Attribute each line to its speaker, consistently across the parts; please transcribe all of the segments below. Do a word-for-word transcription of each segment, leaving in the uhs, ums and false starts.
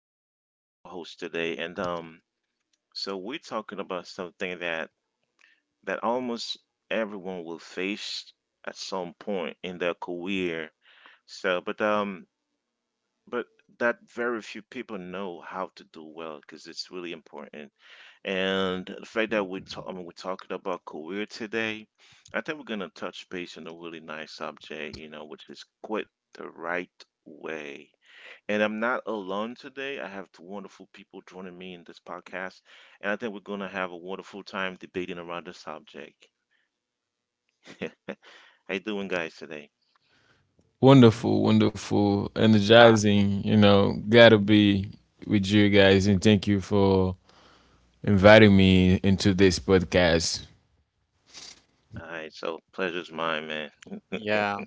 Speaker 1: Welcome. So I'm your host today, and um, so we're talking about something that that almost everyone will face at some point in their career. So, but um, but that very few people know how to do well because it's really important. And the fact that we talk, I mean, we're talking about career today, I think we're gonna touch base on a really nice subject, you know, which is quit the right way. And I'm not alone today. I have two wonderful people joining me in this podcast, and I think we're going to have a wonderful time debating around the subject. How you doing, guys, today?
Speaker 2: Wonderful, wonderful,
Speaker 3: Ah,
Speaker 2: energizing. You know, glad to be with you guys, and thank you for inviting me into this podcast.
Speaker 1: All right, so pleasure's mine, man.
Speaker 3: yeah.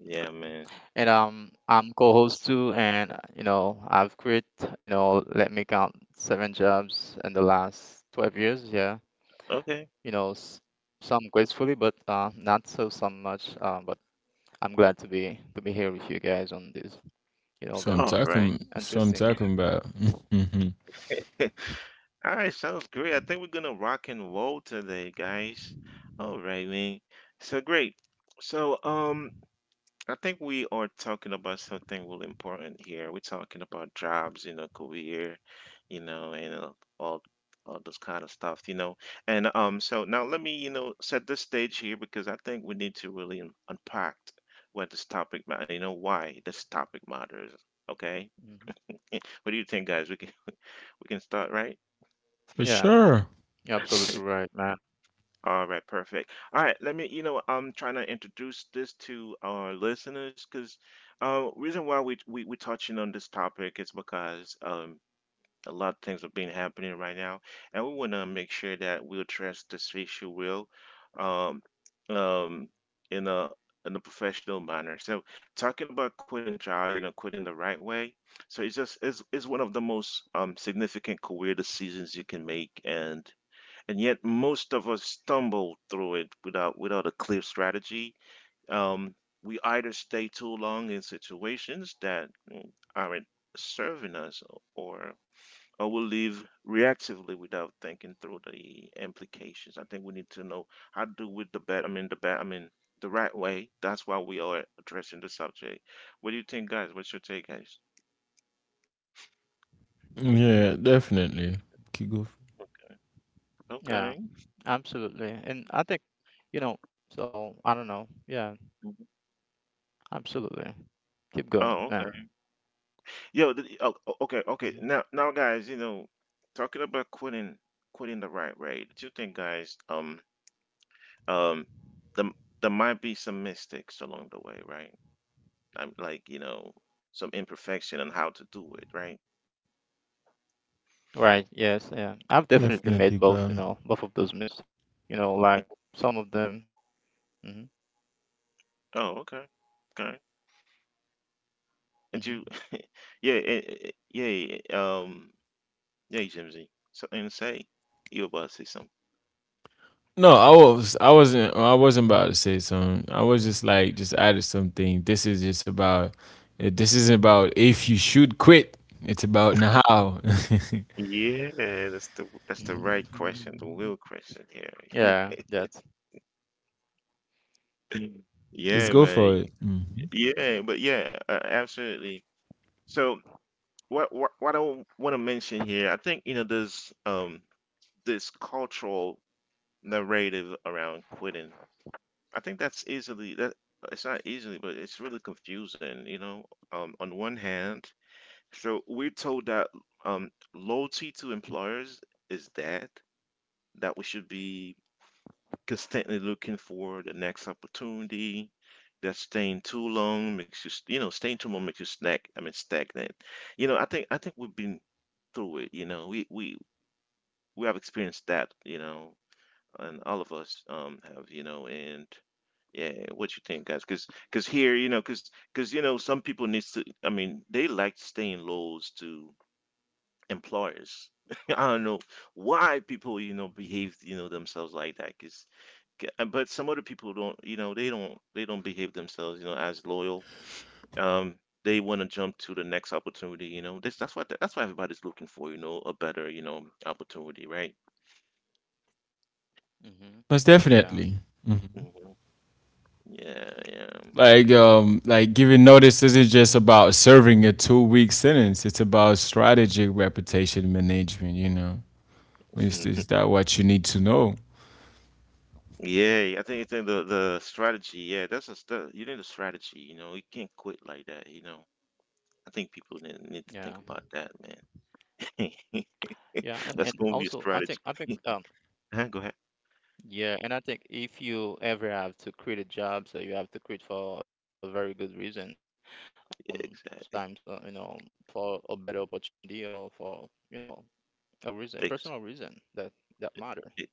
Speaker 1: Yeah, man.
Speaker 3: And um, I'm co-host too, and uh, you know, I've quit, you know, let me count seven jobs in the last twelve years. Yeah,
Speaker 1: Okay.
Speaker 3: you know, s some gracefully, but uh, not so some much. Uh, but I'm glad to be to be here with you guys on this, you know,
Speaker 2: So I'm
Speaker 1: All
Speaker 3: very
Speaker 1: right.
Speaker 2: talking, so I'm
Speaker 3: interesting.
Speaker 2: talking about.
Speaker 1: All right, sounds great. I think we're gonna rock and roll today, guys. All right, man. So great. So, um, I think we are talking about something really important here. We're talking about jobs, you know, career, you know, and uh, all all those kind of stuff, you know. And um, so now let me, you know, set the stage here because I think we need to really un- unpack what this topic, ma- you know, why this topic matters. Okay,
Speaker 3: Hmm.
Speaker 1: Eh, what do you think, guys? We can we can start, right?
Speaker 2: For
Speaker 3: Yeah,
Speaker 2: sure.
Speaker 3: you're absolutely right, man.
Speaker 1: All right, perfect. All right, let me, you know, I'm trying to introduce this to our listeners because uh, reason why we we we touching on this topic is because um a lot of things are being happening right now, and we want to make sure that we address this issue well, um, um, in a in a professional manner. So talking about quitting job, you know, quitting the right way. So it's just it's, it's one of the most um significant career decisions you can make, and and yet most of us stumble through it without without a clear strategy. Um, we either stay too long in situations that mm, aren't serving us, or or we live reactively without thinking through the implications. I think we need to know how to do with the bet. I mean the bet. I mean the right way. That's why we are addressing the subject. What do you think, guys? What's your take, guys?
Speaker 2: Yeah, definitely. Keep going.
Speaker 3: Yeah,
Speaker 1: Okay.
Speaker 3: absolutely. And I think, you know, so I don't know. Yeah,
Speaker 1: Mhm.
Speaker 3: absolutely. Keep going, man.
Speaker 1: Oh, okay. Yo, th- oh, o- okay,
Speaker 3: Mm-hmm.
Speaker 1: okay. Now, now, guys, you know, talking about quitting, quitting the right way. Do you think, guys, um, um, the, there might be some mistakes along the way, right? I'm like, you know, some imperfection on how to do it, right?
Speaker 3: Right, yes, yeah. I've
Speaker 1: Mhm,
Speaker 3: definitely
Speaker 2: Definitely,
Speaker 3: made both, you
Speaker 2: girl.
Speaker 3: know, both of those mistakes, you know, like
Speaker 1: mhm.
Speaker 3: some of them. Hmm.
Speaker 1: Oh, okay, okay.
Speaker 3: Hmm.
Speaker 1: And you, yeah, eh, eh, yeah, um, yeah, Jimsy. Something to say? You about to say something?
Speaker 2: No, I was, I wasn't, I wasn't about to say something. I was just like, just added something. This is just about. eh, This
Speaker 1: Mhm.
Speaker 2: isn't about if you should quit. It's about now.
Speaker 1: Yeah, that's the that's the right question, the real question here.
Speaker 3: Yeah, that's.
Speaker 2: Let's
Speaker 1: Yeah,
Speaker 2: go
Speaker 1: man.
Speaker 2: for it. Mhm.
Speaker 1: Yeah, but yeah, uh, absolutely. So what what what I want to mention here, I think you know there's um this cultural narrative around quitting. I think that's easily that it's not easily, but it's really confusing, you know. Um, on one hand, so we're told that um loyalty to employers is dead, that we should be constantly looking for the next opportunity. That staying too long makes you, st- you know, staying too long makes you snack. I mean, stagnant. You know, I think I think we've been through it. You know, we we we have experienced that. You know, and all of us um have. You know, and yeah, what you think, guys? Because because here, you know, because because you know, some people needs to. I mean, they like staying lows to employers. I don't know why people, you know, behave, you know, themselves like that. K- uh, But some other people don't, you know, they don't they don't behave themselves, you know, as loyal. Um, they want to jump to the next opportunity, you know. This that's what that's what everybody's looking for, you know, a better, you know, opportunity, right?
Speaker 3: Hmm.
Speaker 2: Most
Speaker 3: Yeah,
Speaker 2: definitely. Mm-hmm.
Speaker 1: hmm Yeah, yeah.
Speaker 2: Like, um, like giving notice isn't just about serving a two-week sentence. It's about strategic reputation management. You know, is,
Speaker 1: Mm.
Speaker 2: is that what you need to know?
Speaker 1: Yeah, I think it's in the the strategy. Yeah, that's a st you need a strategy. You know, you can't quit like that. You know, I think people ne- need to
Speaker 3: yeah,
Speaker 1: think about that, man.
Speaker 3: yeah, and
Speaker 1: That's
Speaker 3: and
Speaker 1: gonna be a
Speaker 3: also I
Speaker 1: strategy.
Speaker 3: think I think um
Speaker 1: Huh, go ahead.
Speaker 3: yeah, and I think if you ever have to quit a job, so you have to quit for a very good reason. Um,
Speaker 1: Yeah,
Speaker 3: sometimes uh, you
Speaker 1: exactly.
Speaker 3: know for a better opportunity or for you know a reason, a personal reason
Speaker 1: Ex-
Speaker 3: that that matter. Hmm.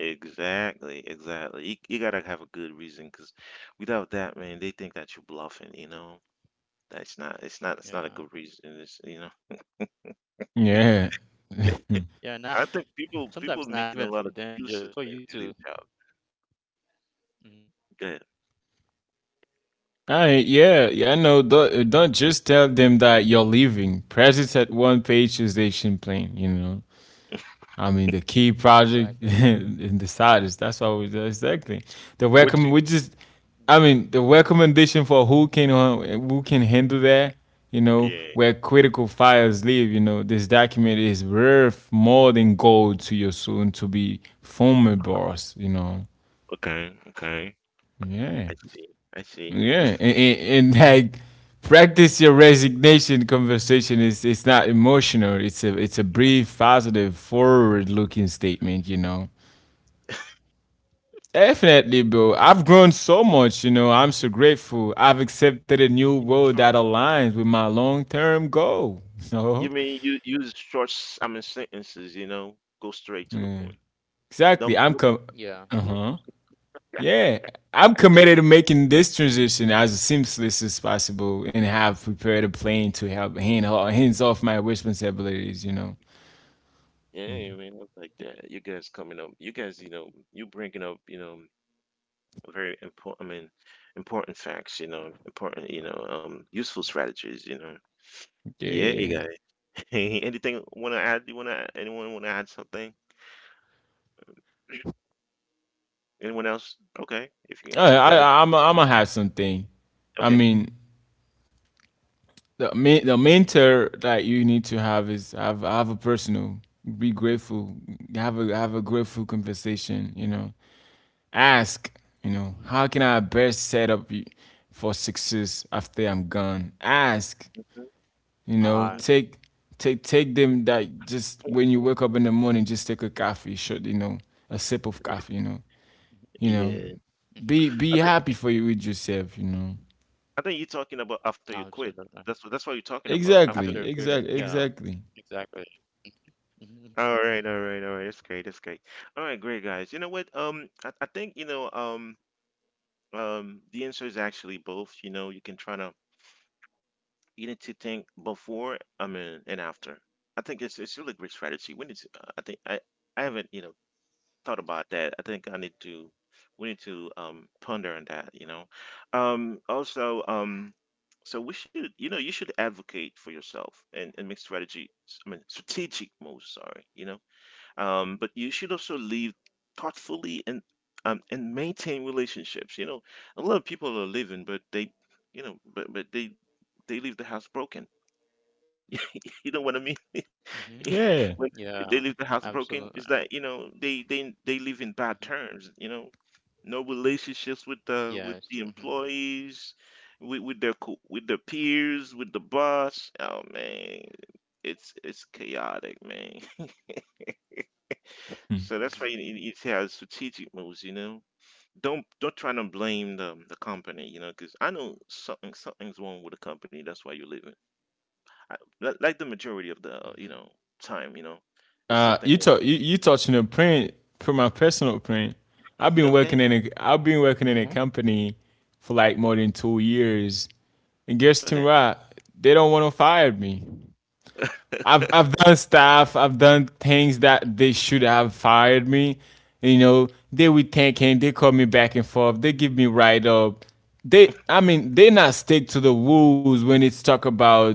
Speaker 1: Exactly, exactly. You, you gotta have a good reason, because without that, man, they think that you're bluffing, you know? That's not, it's not, it's not a
Speaker 3: Yeah,
Speaker 1: good reason. It's, you know,
Speaker 2: Yeah.
Speaker 3: yeah,
Speaker 2: Hmm.
Speaker 3: not.
Speaker 1: I think
Speaker 3: Sometimes
Speaker 1: people,
Speaker 3: not
Speaker 1: people
Speaker 3: even for
Speaker 1: making a
Speaker 3: them,
Speaker 1: lot of
Speaker 3: just for you
Speaker 1: excuses
Speaker 3: too.
Speaker 1: when they leave job.
Speaker 3: Hmm.
Speaker 1: Good.
Speaker 2: I yeah, yeah, I know. Don't, don't just tell them that you're leaving. Presence at one page is station plane, you know. I mean, the key
Speaker 3: Exactly.
Speaker 2: project and the scientists. That's what we exactly. The
Speaker 1: Which do
Speaker 2: recommend we just,
Speaker 3: Yeah.
Speaker 2: I mean, the recommendation for who can uh, who can handle that. You know
Speaker 1: Yeah.
Speaker 2: where critical files live. You know this document is worth more than gold to your soon to be former boss. You know,
Speaker 1: Okay. Okay.
Speaker 3: Hmm.
Speaker 2: yeah,
Speaker 1: I see. I see.
Speaker 2: yeah, and, and, and like practice your resignation conversation. Is it's not emotional. It's a it's a brief, positive, forward looking statement, you know. Definitely, bro. I've grown
Speaker 3: Yeah.
Speaker 2: so much, you know. I'm so grateful. I've accepted a new
Speaker 1: You
Speaker 2: role
Speaker 1: short.
Speaker 2: that aligns with my long-term goal.
Speaker 1: You
Speaker 2: No.
Speaker 1: mean you use short, s- I mean, sentences, you know? Go straight to the
Speaker 2: Yeah.
Speaker 1: point.
Speaker 2: Exactly.
Speaker 1: Don't,
Speaker 2: I'm
Speaker 1: don't
Speaker 2: com
Speaker 1: be
Speaker 3: Yeah.
Speaker 1: emotional
Speaker 2: Uh-huh. Yeah. I'm
Speaker 1: like that.
Speaker 2: committed to making this transition as seamless as possible and have prepared a plan to help hand hands off my responsibilities, you know.
Speaker 1: Yeah, man, I like that. You guys coming up, you guys, you know, you bringing up, you know, very important. I mean, important facts. You know, important. You know, um, useful
Speaker 3: Mhm.
Speaker 1: strategies. You know. Yeah, you
Speaker 2: Yeah.
Speaker 1: got it. Anything want to add? You want to? Anyone want to add something? Anyone else? Okay, if you uh,
Speaker 2: I,
Speaker 1: if you got it.
Speaker 2: I, I'm I'm gonna have
Speaker 3: No.
Speaker 2: something. I
Speaker 1: Okay.
Speaker 2: mean, the main the main mentor that you need to have is, have have a personal, be grateful, have a have a grateful conversation, you know. Ask, you know, how
Speaker 3: Hmm.
Speaker 2: can I best set up y- for success after I'm gone. Ask, you know.
Speaker 1: Hmm.
Speaker 3: Uh,
Speaker 2: Take take take them that. Just when you wake up in the morning, just take a coffee shot, you know, a sip of coffee, you know, you know,
Speaker 1: Yeah,
Speaker 2: be
Speaker 3: hmm.
Speaker 2: be
Speaker 1: I
Speaker 2: happy
Speaker 1: think
Speaker 2: for you with yourself, you know.
Speaker 1: I think you're talking about after you quit. That's what
Speaker 3: Absolutely.
Speaker 1: that's what you're talking about
Speaker 2: Exactly,
Speaker 1: after.
Speaker 2: exactly,
Speaker 3: Absolutely. Yeah.
Speaker 2: exactly.
Speaker 3: Exactly. Hmm.
Speaker 1: All right, all right, all right. That's great. That's great. All right, great guys. You know what? Um, I, I think you know. Um, um, the answer is actually both. You know, you can try to. You need to think before, I mean, and after. I think it's it's really great strategy. We need to, uh, I think I I haven't, you know, thought about that. I think I need to we need to um ponder on that, you know. Um also um so we should, you know, you should advocate for yourself and, and make strategy, I mean, strategic moves, sorry, you know. Um, but you should also live thoughtfully and um and maintain relationships. You know, a lot of people are living, but they, you know, but but they they leave the house broken, you know what I mean?
Speaker 3: Hmm.
Speaker 2: Yeah.
Speaker 1: When
Speaker 3: Yeah.
Speaker 1: they leave the house
Speaker 3: Absolutely.
Speaker 1: broken, is that you know they they they live in
Speaker 3: Hmm.
Speaker 1: bad terms. You know, no relationships with the
Speaker 3: Yes.
Speaker 1: with
Speaker 3: Hmm.
Speaker 1: the employees, with with their co- with their peers, with the boss. Oh man, it's it's chaotic, man. So that's why you you
Speaker 3: Hmm.
Speaker 1: need to have strategic moves. You know, don't don't try to blame the the company. You know, because I know something something's wrong with the company. That's why you're leaving. I, li- like the majority of the uh, you
Speaker 3: Hmm.
Speaker 1: know time, you know, it's
Speaker 2: Uh, you
Speaker 1: something.
Speaker 2: talk you, you touching a print for my personal print. I've been
Speaker 1: Okay,
Speaker 2: working in a I've been working in a
Speaker 3: Hmm.
Speaker 2: company for like more than two years, and guessing
Speaker 1: okay.
Speaker 2: what? They don't want to fire me. I've I've done stuff. I've done things that they should have fired me. You know, they were thinking. They call me back and forth. They give me write up. They, I mean, they not stick to the rules when it's talk about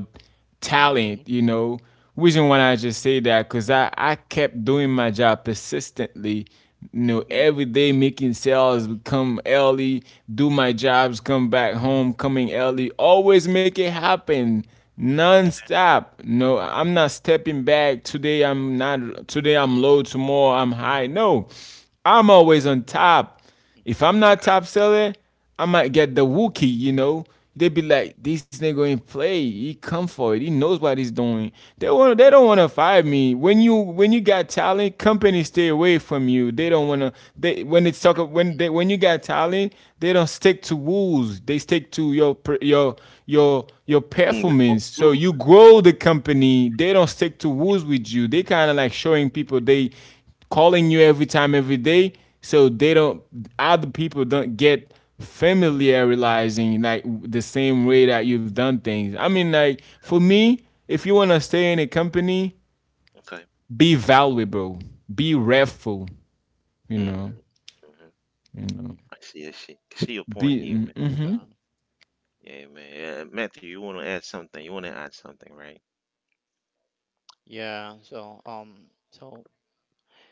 Speaker 1: Mhm,
Speaker 2: talent. You
Speaker 3: Mhm,
Speaker 2: know, reason why I just say that because I I kept doing my job persistently. You know,
Speaker 1: mhm,
Speaker 2: every day making sales, come
Speaker 3: mhm,
Speaker 2: early, do my jobs, come back home, coming early, always make it happen, non-stop. No, I'm not stepping back today. I'm not. Today I'm low, tomorrow I'm high. No, I'm always on top. If I'm
Speaker 3: mhm,
Speaker 2: not
Speaker 1: okay,
Speaker 2: top seller, I might get the wookie, you know. They be like, this nigga ain't play, he come for it, he knows what he's doing. They want they
Speaker 1: mhm.
Speaker 2: don't want to fire me. When you when you got talent, companies stay away from you. They don't want to. They, when it's talk, when they, when you got talent, they don't stick to rules. They stick to your your your your
Speaker 3: mhm,
Speaker 1: Mm, you're going
Speaker 2: performance. So
Speaker 1: through.
Speaker 2: you grow the company. They don't stick to rules with you. They kind of like showing people.
Speaker 3: mhm.
Speaker 2: They calling you every time every day. So they don't other people don't get familiarizing like the same way that you've done things. I mean, like for me, if you want to stay in a company,
Speaker 1: Okay.
Speaker 2: be valuable, be restful, you know,
Speaker 1: Mhm, mhm.
Speaker 2: you know.
Speaker 1: I see, I see. I see your point
Speaker 2: Be.
Speaker 1: here, man.
Speaker 2: Mm-hmm.
Speaker 3: Okay.
Speaker 1: Yeah, man. Uh, Matthew, you want to add something. You want to add something, right?
Speaker 3: Yeah, so um so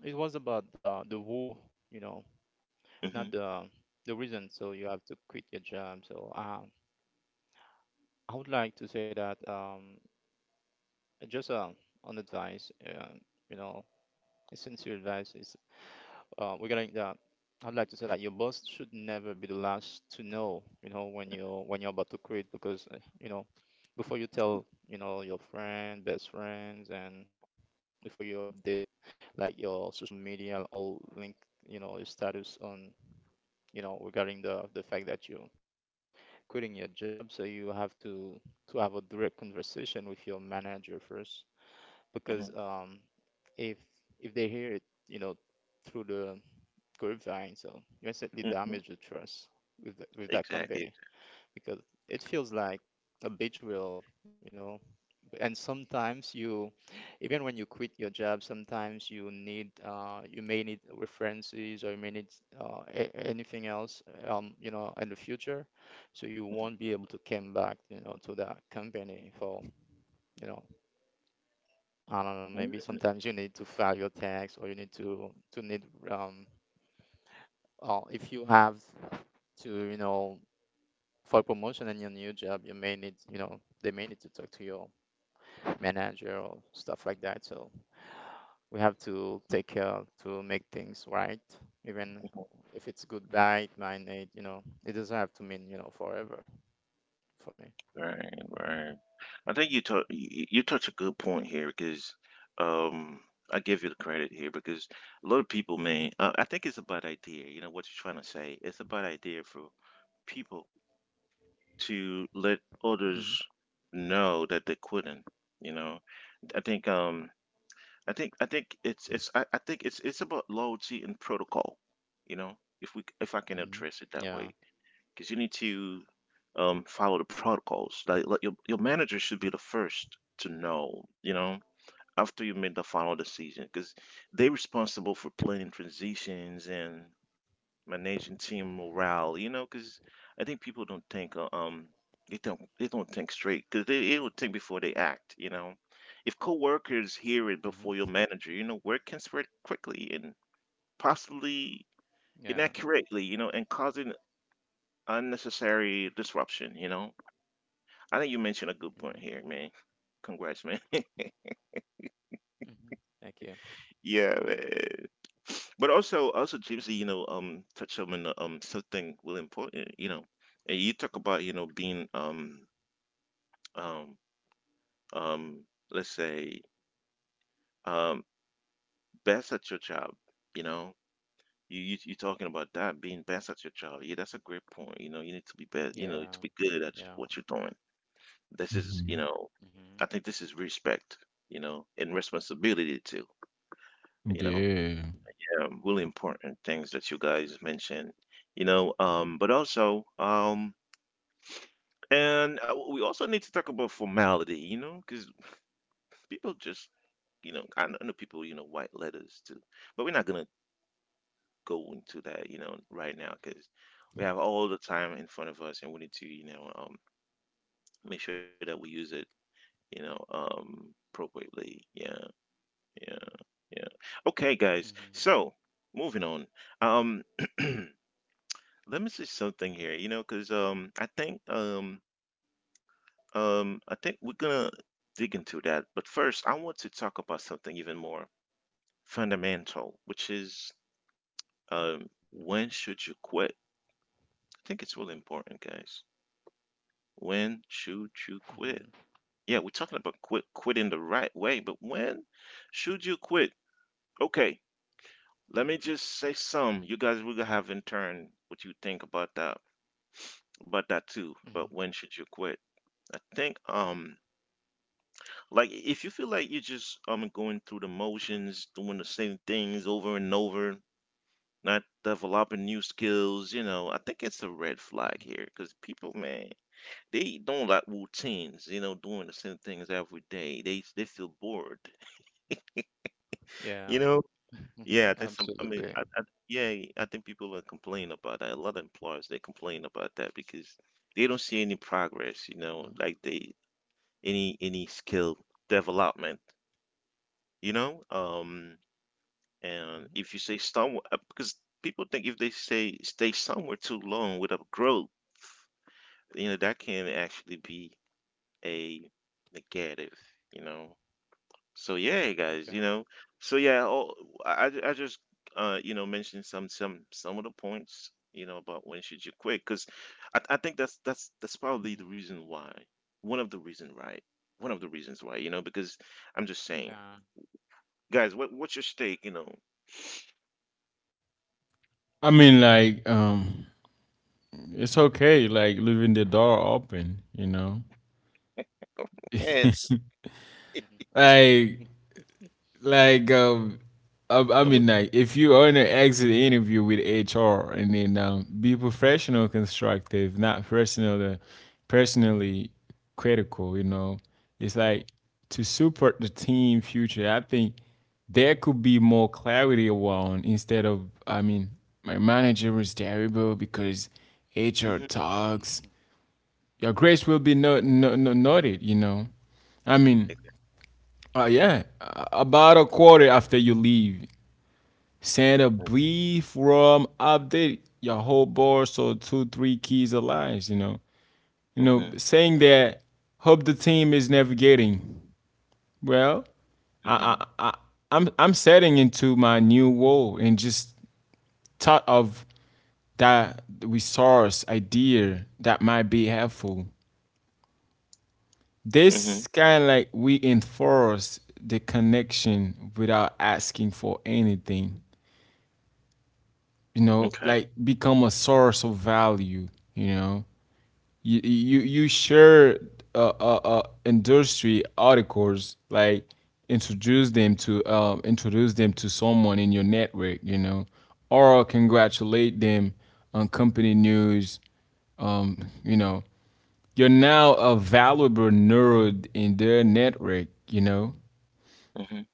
Speaker 3: yeah, so it was about the the war, you know,
Speaker 1: Mm-hmm,
Speaker 3: not the the reason so you have to quit your job. So uh, I would like to say that um, just uh, on advice, uh, you know, a sincere advice is uh, regarding that. I'd like to say that your boss should never be the last to know, you know, when you when you're about to quit because uh, you know, before you tell, you know, your friend, best friends, and before you update like your social media, all link, you know, your status on, you know, regarding the the fact that you quitting your job, so you have to to have a direct conversation with your manager first, because
Speaker 1: mm-hmm,
Speaker 3: um, if if they hear it, you know, through the grapevine, so you instantly
Speaker 1: mm-hmm.
Speaker 3: damage the trust with the, with that
Speaker 1: Exactly.
Speaker 3: company because it feels like a betrayal, you know. And sometimes you, even when you quit your job, sometimes you need, uh, you may need references or you may need uh, a- anything else, um, you know, in the future. So you won't
Speaker 1: Mhm.
Speaker 3: be able to come back, you know, to that company for, you know, I don't know, maybe sometimes you need to file your tax or you need to, to need, um, uh, if you have to, you know, for promotion in your new job, you may need, you know, they may need to talk to your manager or stuff like that. So we have to take care to make things right, even if it's goodbye, mine eight, you know, it doesn't have to mean, you know, forever for me.
Speaker 1: Right, right. I think you touch you you touch a good point here because um, I give you the credit here because a lot of people may uh, I think it's a bad idea. You know what you're trying to say. It's a bad idea for people to let others
Speaker 3: Hmm.
Speaker 1: know that they're quitting. You know, I think um I think I think it's it's I, I think it's it's about loyalty and protocol. You know, if we if I can address it that
Speaker 3: Hmm.
Speaker 1: way,
Speaker 3: Yeah.
Speaker 1: because you need to um, follow the protocols. Like, like your your manager should be the first to know, you know, after you made the final decision, because they're responsible for planning transitions and managing team morale. You know, because I think people don't think uh, um they don't they don't think straight because they they don't think before they act. You know, if coworkers hear it before
Speaker 3: Hmm.
Speaker 1: your manager, you know, word can spread quickly and possibly
Speaker 3: Yeah.
Speaker 1: inaccurately. You know, and causing unnecessary disruption. You know. I think you mentioned a good point here,
Speaker 3: Hmm.
Speaker 1: man. Congrats, man.
Speaker 3: Hmm. Thank you.
Speaker 1: Yeah, man. But also, also Gypsy, you know, um, touch on uh, um something really important, you know, and you talk about you know being um um um let's say um best at your job, you know. You, you you are talking about that being best at your job? Yeah, that's a great point. You know, you need to be best. You know, to be
Speaker 3: Yeah.
Speaker 1: good at what you're
Speaker 3: Yeah.
Speaker 1: doing. This is, you
Speaker 2: Mhm.
Speaker 1: know,
Speaker 3: Hmm.
Speaker 1: I think this is respect. You know, and responsibility too. You know,
Speaker 2: Yeah.
Speaker 1: um, really important things that you guys mentioned, you know, um, but also, um, and uh, we also need to talk about formality, you know, because people just, you know, I kn- I know people, you know, white letters too, but we're not gonna go into that, you know, right now because we have all the time in front of us and we need to, you know, um, make sure that we use it, you know, um, appropriately. Yeah, yeah, yeah. Okay, guys. So
Speaker 3: Hmm.
Speaker 1: moving on. Um, Let me say something here, you know, because um, I think um, um, I think we're gonna dig into that. But first, I want to talk about something even more fundamental, which is, um, when
Speaker 3: Hmm.
Speaker 1: should you quit? I think it's really important, guys. When should you quit?
Speaker 3: Hmm.
Speaker 1: Yeah, we're talking about quit quitting the right way, but when should you quit? Okay, let me just
Speaker 3: Hmm.
Speaker 1: say some. You guys will have in turn what you think about that about that too, about when
Speaker 3: Hmm.
Speaker 1: should you quit. I think um Like if you feel like you're just um going through the motions, doing the same things over and over, not developing new skills, you know, I think it's a red flag here because people, man, they don't like routines. You know, doing the same things every day, they they feel bored. You know,
Speaker 3: Yeah.
Speaker 1: yeah, I think some. I mean, I, I,
Speaker 3: Absolutely.
Speaker 1: yeah, I think people are complaining about that. A lot of employers they complain about that because they don't see any progress. You know,
Speaker 3: Mhm.
Speaker 1: like they any any skill development. You know, um. And if you
Speaker 3: Mhm.
Speaker 1: stay somewhere, uh, because people think if they say stay somewhere too long without growth, you know, that can actually be a negative, you know. So yeah, guys, you know.
Speaker 3: Okay.
Speaker 1: So yeah, all, I I I just uh you know mentioned some some some of the points you know about when should you quit because I I think that's that's that's probably the
Speaker 3: Mhm.
Speaker 1: reason why one of the reason right one of the reasons why you know because I'm just saying
Speaker 3: Yeah.
Speaker 1: guys, what what's your stake you know
Speaker 2: I mean, like, um, it's okay, like leaving the door open, you know.
Speaker 1: and
Speaker 2: like
Speaker 3: Mhm.
Speaker 2: like um I, I
Speaker 1: and
Speaker 2: mean
Speaker 1: what.
Speaker 2: like if you are want to exit the interview with H R, and then um, be professional, constructive, not personal personally critical, you know. It's
Speaker 1: Mhm.
Speaker 2: like to support the team future. I think there could be more clarity around, instead of, I mean, my manager was terrible because H R
Speaker 1: Mhm.
Speaker 2: talks, your grace will be no, no, no, noted, you know. I mean,
Speaker 1: Exactly.
Speaker 2: uh,
Speaker 3: Yeah.
Speaker 2: yeah, uh, about a quarter after you leave, send a brief rum update your whole board, so two three keys of lines, you know, you know,
Speaker 1: Mhm.
Speaker 2: saying that hope the team is navigating well. I
Speaker 1: Mhm.
Speaker 2: I I I'm I'm
Speaker 3: Mhm.
Speaker 2: setting into my new role and just thought of that resource idea that might be helpful.
Speaker 1: Mhm.
Speaker 2: This kind of like we enforce the connection without asking for anything. You know,
Speaker 1: Okay.
Speaker 2: like become a source of value. You know, you you you share uh, uh, uh industry articles, like introduce them to um introduce them to someone in your network. You know, or congratulate them on company news. Um, you know, you're now a valuable nerd in their network. You know,
Speaker 1: Mhm.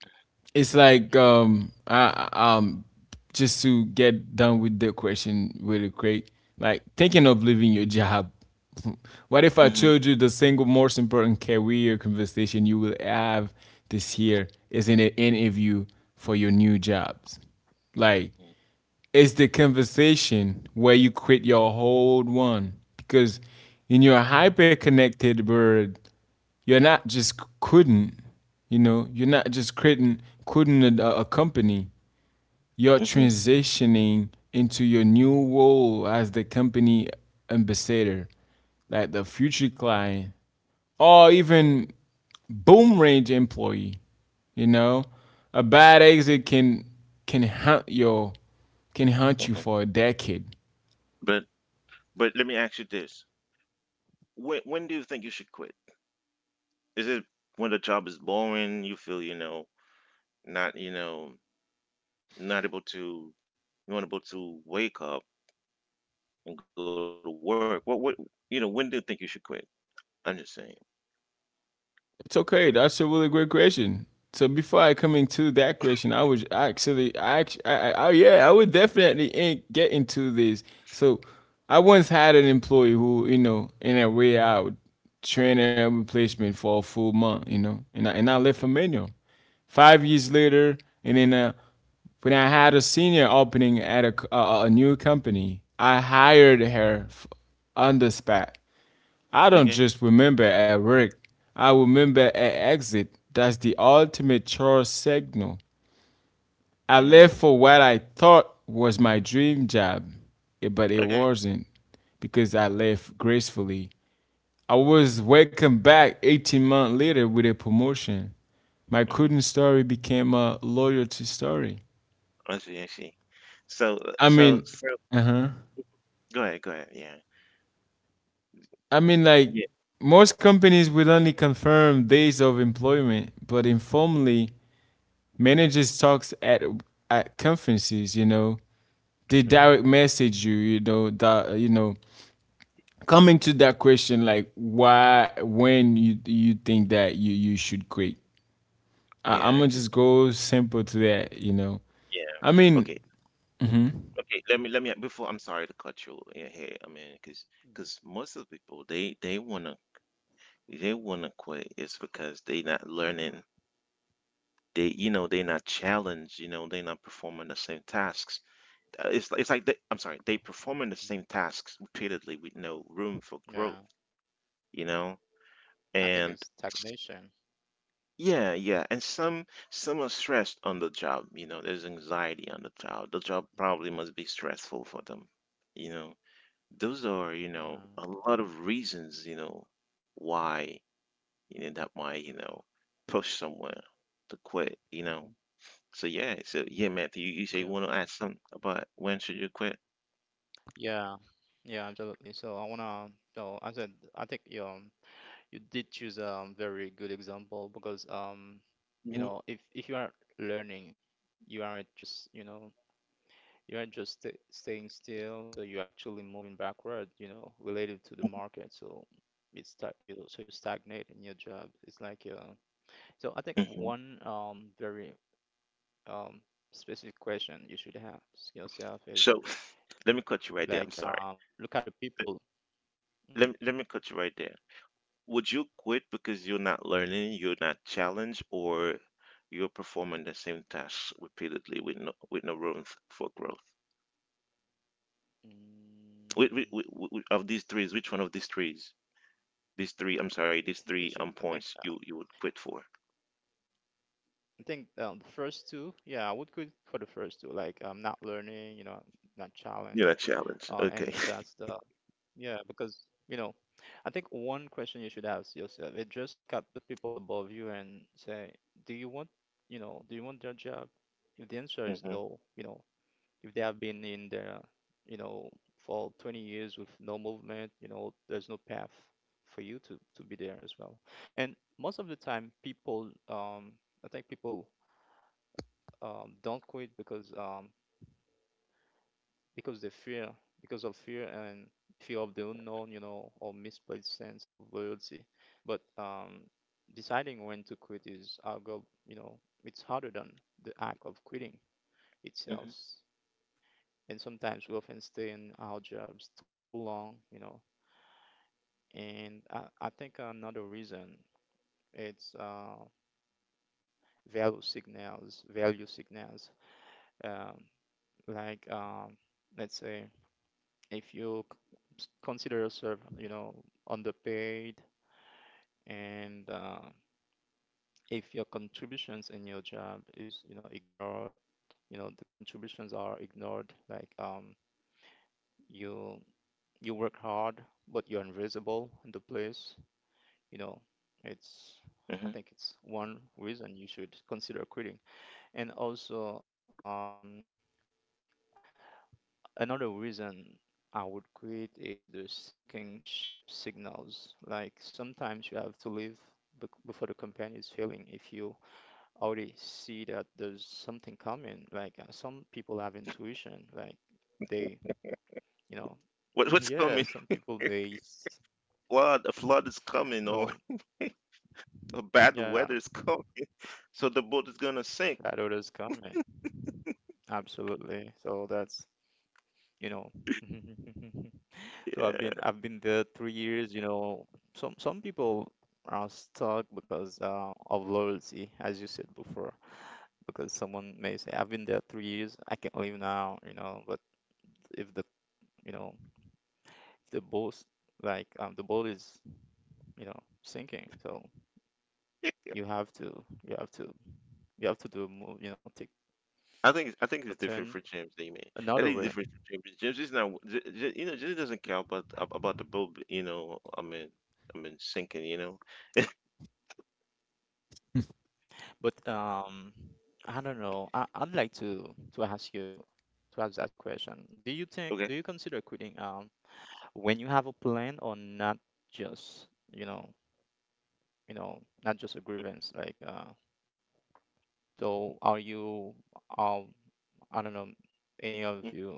Speaker 2: it's like
Speaker 3: Mhm.
Speaker 2: um I um just to get done with the question really quick. Like, thinking of leaving your job. What if I
Speaker 1: Mhm.
Speaker 2: told you the single most important career conversation you will have this year is in an interview for your new jobs? Like
Speaker 1: Mhm.
Speaker 2: it's the
Speaker 3: Mhm.
Speaker 2: conversation where you quit your whole one, because in your hyper-connected world, you're not just couldn't, you know, you're not just couldn't couldn't a, a company. You're
Speaker 1: Mhm.
Speaker 2: transitioning into your new role as the company ambassador, like the future client, or even boom range employee. You know, a bad exit can can hunt your can hunt you
Speaker 1: Mhm.
Speaker 2: for a decade.
Speaker 1: But but let me ask you this: when when do you think you should quit? Is it when the job is boring? You feel, you know not, you know not able to, you want able to wake up and go to work. What what you know when do you think you should quit? I'm just saying.
Speaker 2: It's okay. That's a really great question. So before I come into that question, I would actually, I, act- I, I, I yeah, I would definitely in- get into this. So I once had an employee who, you know, in a way, I would train a replacement for a full
Speaker 3: Mhm.
Speaker 2: month, you know, and I, and I left Dominion. Five years later, and then
Speaker 3: Mhm.
Speaker 2: uh, when I had a senior opening at a a, a new company, I hired her on the spot. I don't just
Speaker 1: Okay.
Speaker 2: remember at work. I remember at exit. That's the ultimate chore signal. I left for
Speaker 1: Mm.
Speaker 2: what I thought was my dream job, eh, but it
Speaker 1: Okay.
Speaker 2: wasn't, because I left gracefully. I was welcomed back eighteen months later with a promotion. My coding
Speaker 1: Mhm.
Speaker 2: story became a loyalty story.
Speaker 1: I see. I see. So uh,
Speaker 2: I
Speaker 1: so
Speaker 2: mean,
Speaker 1: so
Speaker 2: uh-huh.
Speaker 1: go ahead. Go ahead. Yeah.
Speaker 2: I mean, like
Speaker 1: Yeah.
Speaker 2: most companies will only confirm days of employment, but informally, managers talks at at conferences. You know, they
Speaker 1: Mhm.
Speaker 2: direct message you. You know that, you know, coming to that question like, why when you you think that you you should quit. I, I'm
Speaker 1: Yeah.
Speaker 2: gonna
Speaker 1: Cause
Speaker 2: just go simple to that. You know,
Speaker 1: yeah.
Speaker 2: I mean.
Speaker 1: Okay.
Speaker 2: Mhm.
Speaker 1: Okay, let me let me before. I'm sorry to cut you in here. I mean, cause
Speaker 3: Mhm.
Speaker 1: cause most of the people they they wanna they wanna quit. It's because they not learning. They you know they not challenged. You know they not performing the same tasks. Uh, It's it's like they, I'm sorry, they performing the same tasks repeatedly with no room for
Speaker 3: Yeah,
Speaker 1: growth. You know
Speaker 3: I think it's
Speaker 1: and
Speaker 3: stagnation.
Speaker 1: yeah, yeah, and some some are stressed on the job. You know there's anxiety on the job. The job
Speaker 3: Mhm.
Speaker 1: probably must be stressful for them. You know those are you
Speaker 3: Yeah,
Speaker 1: know a lot of reasons you know why you know that might you know push someone to quit
Speaker 3: hmm
Speaker 1: you know So yeah, so yeah Matthew, you, you say
Speaker 3: yeah,
Speaker 1: you want to ask something about when should you quit.
Speaker 3: yeah, yeah, absolutely. So I wanna, so I said, I think you um, you did choose a very good example because um, you know,
Speaker 1: hmm
Speaker 3: if if you are learning, you aren't just, you know, you aren't just sta staying still. So you're actually moving backward, you know, related to the market. So it's stag you so you stagnate in your job. It's like uh, so I think
Speaker 1: hmm
Speaker 3: one um very um, specific question you should ask yourself
Speaker 1: so
Speaker 3: is
Speaker 1: let me cut you right there.
Speaker 3: like,
Speaker 1: I'm sorry,
Speaker 3: um, look at the people.
Speaker 1: let,
Speaker 3: Hmm.
Speaker 1: let me let me cut you right there. Would you quit because you're not learning, you're not challenged, or you're performing the same tasks repeatedly with no with no room f- for growth? Which, which,
Speaker 3: Mm,
Speaker 1: of these threes, which one of these threes, these three, I'm sorry, these
Speaker 3: I think
Speaker 1: three
Speaker 3: it
Speaker 1: um
Speaker 3: should. I think.
Speaker 1: points you you would quit for.
Speaker 3: I think um, the first two. Yeah, I would go for the first two. Like, um, not learning. You know, not
Speaker 1: You're not
Speaker 3: challenge.
Speaker 1: challenged.
Speaker 3: Uh,
Speaker 1: Okay.
Speaker 3: and that's the yeah, because you know, I think one question you should ask yourself is just look at the people above you and say, do you want you know, do you want their job? If the answer is
Speaker 1: Hmm.
Speaker 3: no, you know, if they have been in the you know for twenty years with no movement, you know there's no path for you to to be there as well. And most of the time people um I think people um don't quit because um because they fear, because of fear and fear of the unknown, you know or misplaced sense of loyalty. But um deciding when to quit is our goal, you know it's harder than the act of quitting
Speaker 1: Hmm.
Speaker 3: itself, and sometimes we often stay in our jobs too long, you know. And I, I think another reason, it's uh, value signals, value signals. Um, like um, let's say if you c- consider yourself, you know, underpaid, and uh, if your contributions in your job is, you know, ignored, you know, the contributions are ignored. Like um, you you work hard, but you're invisible in the place you know
Speaker 1: hmm
Speaker 3: it's I think it's one reason you should consider quitting. And also um, another reason I would quit is the sinking ship signals. Like sometimes you have to leave bec- before the company is failing, if you already see that there's something coming. Like uh, some people have intuition, like they you know
Speaker 1: What what's coming?
Speaker 3: yeah some people may s-
Speaker 1: Flood. A flood is coming, or
Speaker 3: no
Speaker 1: or bad
Speaker 3: yeah
Speaker 1: weather is coming. So the boat is gonna sink.
Speaker 3: that others coming. Absolutely, so that's you know. So I've been
Speaker 1: Yeah.
Speaker 3: I've been there three years, you know. Some some people are stuck because uh, of loyalty, as you said before, because someone may say, I've been there three years, I can leave now, you know, but if the you know, the boat, like um, the boat is, you know, sinking, so you have to you have to you have to do move, you know, take
Speaker 1: I think it's- I think
Speaker 3: you
Speaker 1: it's
Speaker 3: know,
Speaker 1: different for
Speaker 3: turn
Speaker 1: James, I mean, I think
Speaker 3: another
Speaker 1: it's
Speaker 3: way.
Speaker 1: different for James. James is not, J- J- you know, James doesn't care about ab- about the boat, you know. I mean, I mean sinking, you know.
Speaker 3: But um, I don't know. I, I'd like to to ask you to ask that question. Do you think do
Speaker 1: Okay.
Speaker 3: you consider quitting, um when you have a plan or not, just you know you know not just a grievance, like uh so are you, um I don't know, any of you,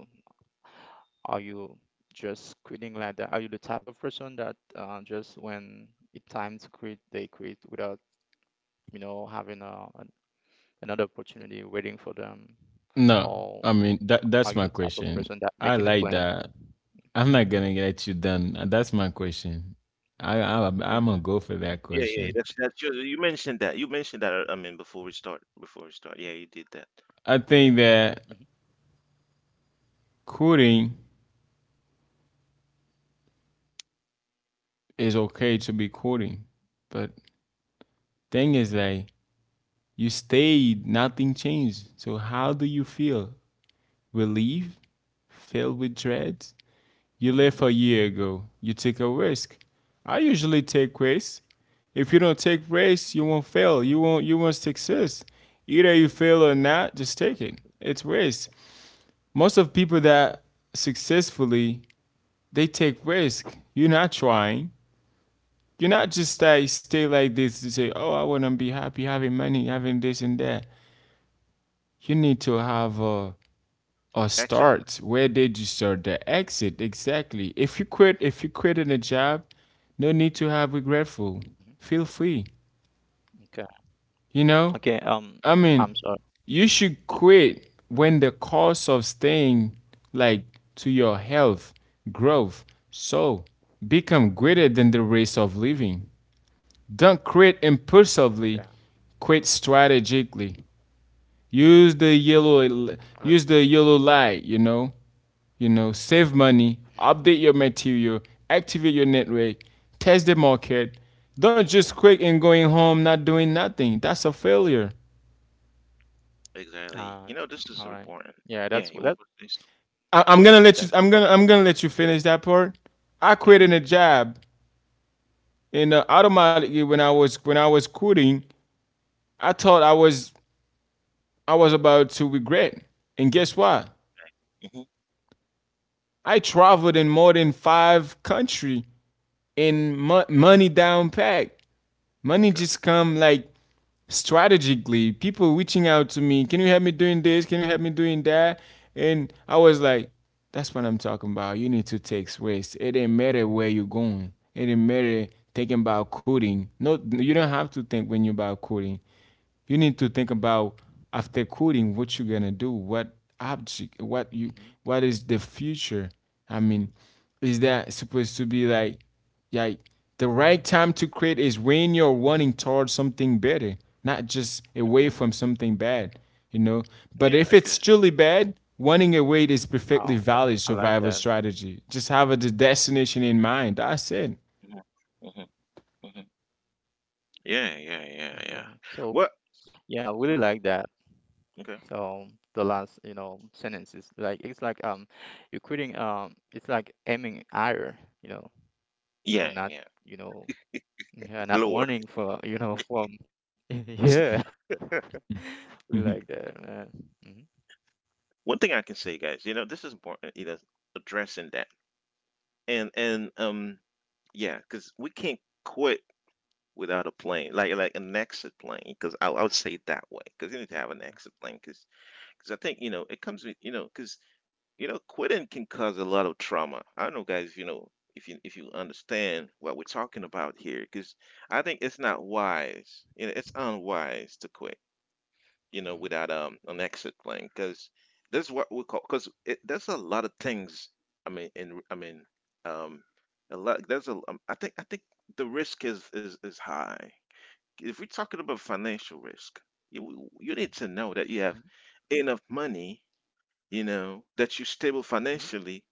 Speaker 3: are you just quitting like that? Are you the type of person that uh, just when it's time to quit they quit without you know having a, an, another opportunity waiting for them,
Speaker 2: No,
Speaker 3: or
Speaker 2: I mean that
Speaker 3: are
Speaker 2: that's
Speaker 3: you the
Speaker 2: my
Speaker 3: type of
Speaker 2: question.
Speaker 3: person that
Speaker 2: I
Speaker 3: making a
Speaker 2: like
Speaker 3: plan?
Speaker 2: that. I'm not gonna get you done. That's my question. I, I I'm
Speaker 1: Mm-hmm.
Speaker 2: gonna go for that
Speaker 3: Hmm.
Speaker 1: Yeah, yeah, yeah,
Speaker 2: question.
Speaker 1: that's that's you. You mentioned that. You mentioned that. uh, I mean, before we start, before we start, yeah, you did that.
Speaker 2: I think
Speaker 1: Yeah.
Speaker 2: that
Speaker 3: Hmm.
Speaker 2: quitting, it's okay to be courting. But thing is
Speaker 3: Hmm.
Speaker 2: that you stayed, nothing changed. So how do you feel? Relief? Filled with dread? You left a
Speaker 1: Mm-hmm.
Speaker 2: year ago. You took a risk. I usually take risks. If you don't take risks, you won't fail. You won't you won't success. Either you fail or not, just take it.
Speaker 3: Absolutely.
Speaker 2: It's risk. Most of people that successfully they take risk. You're not trying. You're not just uh, stay like this to say, oh, I want to be happy having money, having this and that. You need to have a, a
Speaker 1: Exit.
Speaker 2: start. Where did you start? The exit, exactly. If you quit, if you quit in a job, no need to have regretful.
Speaker 3: Hmm.
Speaker 2: Feel free.
Speaker 3: Okay.
Speaker 2: You know,
Speaker 3: Okay. Um,
Speaker 2: I mean,
Speaker 3: I'm sorry.
Speaker 2: you should
Speaker 3: J-
Speaker 2: quit when the cost of staying, like, to your health, growth, so become greater
Speaker 3: mhm.
Speaker 2: than the race of living. Don't quit
Speaker 3: Okay.
Speaker 2: impulsively. Quit strategically. Use the yellow
Speaker 3: Good.
Speaker 2: use the yellow light, you know. You know, save money, update your material, activate your network, test the market. Don't just
Speaker 1: Mm-hmm.
Speaker 2: quit and going home not doing nothing. That's a failure.
Speaker 3: Uh,
Speaker 1: Exactly. You know, this
Speaker 3: all
Speaker 1: is
Speaker 3: right.
Speaker 1: important.
Speaker 3: Yeah, that's
Speaker 1: Yeah.
Speaker 3: what
Speaker 1: You
Speaker 3: that.
Speaker 1: want to say something?
Speaker 2: I, I'm
Speaker 1: Go
Speaker 2: gonna
Speaker 3: Yeah,
Speaker 1: ahead.
Speaker 2: let you.
Speaker 3: that's
Speaker 2: I'm gonna.
Speaker 3: important.
Speaker 2: I'm gonna let you finish that part. I quit in a
Speaker 1: Mm-hmm.
Speaker 2: job, and uh, automatically when I was when I was quitting, I thought I was I was about to regret. And guess what?
Speaker 1: Mm-hmm.
Speaker 2: I traveled in more than five country in mo- money down pack. Money
Speaker 1: Okay.
Speaker 2: just come like strategically. People reaching out to me, can you help me doing this? Can you help me doing that? And I was like, that's what I'm talking about. You need to take risks. It didn't matter where you're going. It didn't matter thinking about coding. No, you don't have to think when you're about coding. You need to think about after coding what you're gonna do, what object, what you,
Speaker 3: Hmm.
Speaker 2: what is the future? I mean, is that supposed to be like, like the right time to create is when you're running towards something better, not just away
Speaker 1: Mm-hmm.
Speaker 2: from something bad, you know? But
Speaker 1: Yeah,
Speaker 2: if
Speaker 1: I
Speaker 2: it's
Speaker 1: could.
Speaker 2: truly bad, running away is perfectly
Speaker 3: Oh, that,
Speaker 2: valid
Speaker 3: I
Speaker 2: survival
Speaker 3: like that.
Speaker 2: strategy. Just have a destination in mind. That's it.
Speaker 1: Mm-hmm. Mm-hmm. Mm-hmm. Yeah, yeah, yeah, yeah.
Speaker 3: Okay. So
Speaker 1: What?
Speaker 3: yeah, I really
Speaker 1: Hmm.
Speaker 3: like that.
Speaker 1: Okay.
Speaker 3: So the last, you know, sentence is like, it's like um, you're quitting. Um, it's like aiming higher. You know,
Speaker 1: Yeah,
Speaker 3: you
Speaker 1: yeah.
Speaker 3: know, not, you know yeah,
Speaker 1: Lord.
Speaker 3: not warning for, you know, from yeah. We like that, man. Mhm,
Speaker 1: One thing I can say, guys. You know, this is important. You know, addressing that and and um yeah, because we can't quit without a plan, like like an exit plan, because I, I would say it that way, because you need to have an
Speaker 3: mhm,
Speaker 1: exit plan, because because I think you know it comes with, you know because, you know quitting can cause a lot of trauma. I don't know, guys, you know if you if you understand what we're talking about here, because I think it's not wise, you know, it's unwise to quit, you know, without um an exit plan, because that's what we call because there's a lot of things. I mean, in I mean, um, a lot. There's a um, I think I think the risk is is is high if we're talking about financial risk. You you need to know that you have
Speaker 3: mhm.
Speaker 1: enough money, you know, that you're stable
Speaker 3: Hmm.
Speaker 1: financially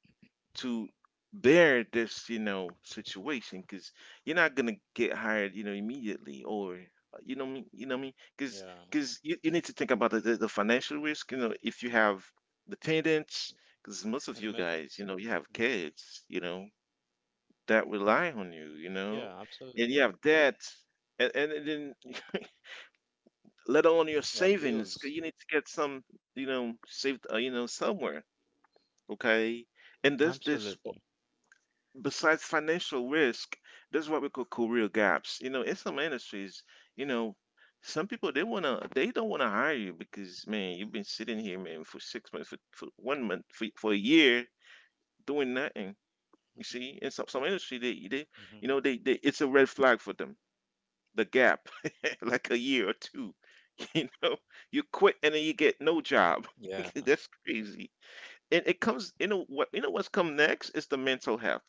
Speaker 1: to bear this, you know, situation because you're not gonna get hired, you know, immediately or uh, you know me, you know me, because
Speaker 3: Yeah,
Speaker 1: because you, you need to think about the, the, the financial risk, you know, if you have dependents, because most of you
Speaker 3: an
Speaker 1: guys, you know,
Speaker 3: emergency.
Speaker 1: you have
Speaker 3: Hmm.
Speaker 1: kids, you know, that rely on you, you know,
Speaker 3: Yeah,
Speaker 1: and
Speaker 3: absolutely.
Speaker 1: you have debt, and, and then let alone your
Speaker 3: Yeah,
Speaker 1: savings, 'cause you
Speaker 3: bills.
Speaker 1: need to get some you know saved, uh, you know somewhere. Okay. And this this,
Speaker 3: Absolutely.
Speaker 1: besides financial risk, this is what we call career gaps, you know in some industries. you know some people, they want to they don't want to hire you because man you've been sitting here man for six months, for, for one month, for, for a year doing nothing. You see, in some, some industry they
Speaker 3: Hmm.
Speaker 1: they
Speaker 3: Hmm.
Speaker 1: you know they, they it's a red flag for them, the gap, like a year or two. You know, you quit and then you get no job.
Speaker 3: Yeah.
Speaker 1: That's crazy. And it comes, you know what, you know what's come next is the mental health.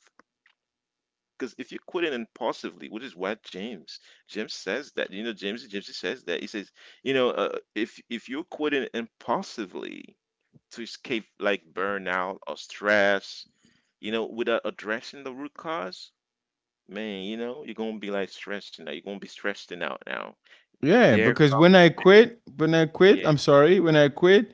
Speaker 1: Because if you're quitting impulsively, which is what James, James says that,
Speaker 3: Mhm,
Speaker 1: you know, James, James says that he says, you know, uh, if if you're quitting impulsively to escape like
Speaker 3: mhm,
Speaker 1: burnout or stress, you know, without addressing the root cause, man, you know, you're gonna be like stressing out. You're gonna be stressing out now.
Speaker 2: Yeah,
Speaker 1: There, co-
Speaker 2: because when I quit, when I quit,
Speaker 1: yeah,
Speaker 2: I'm sorry, when I quit,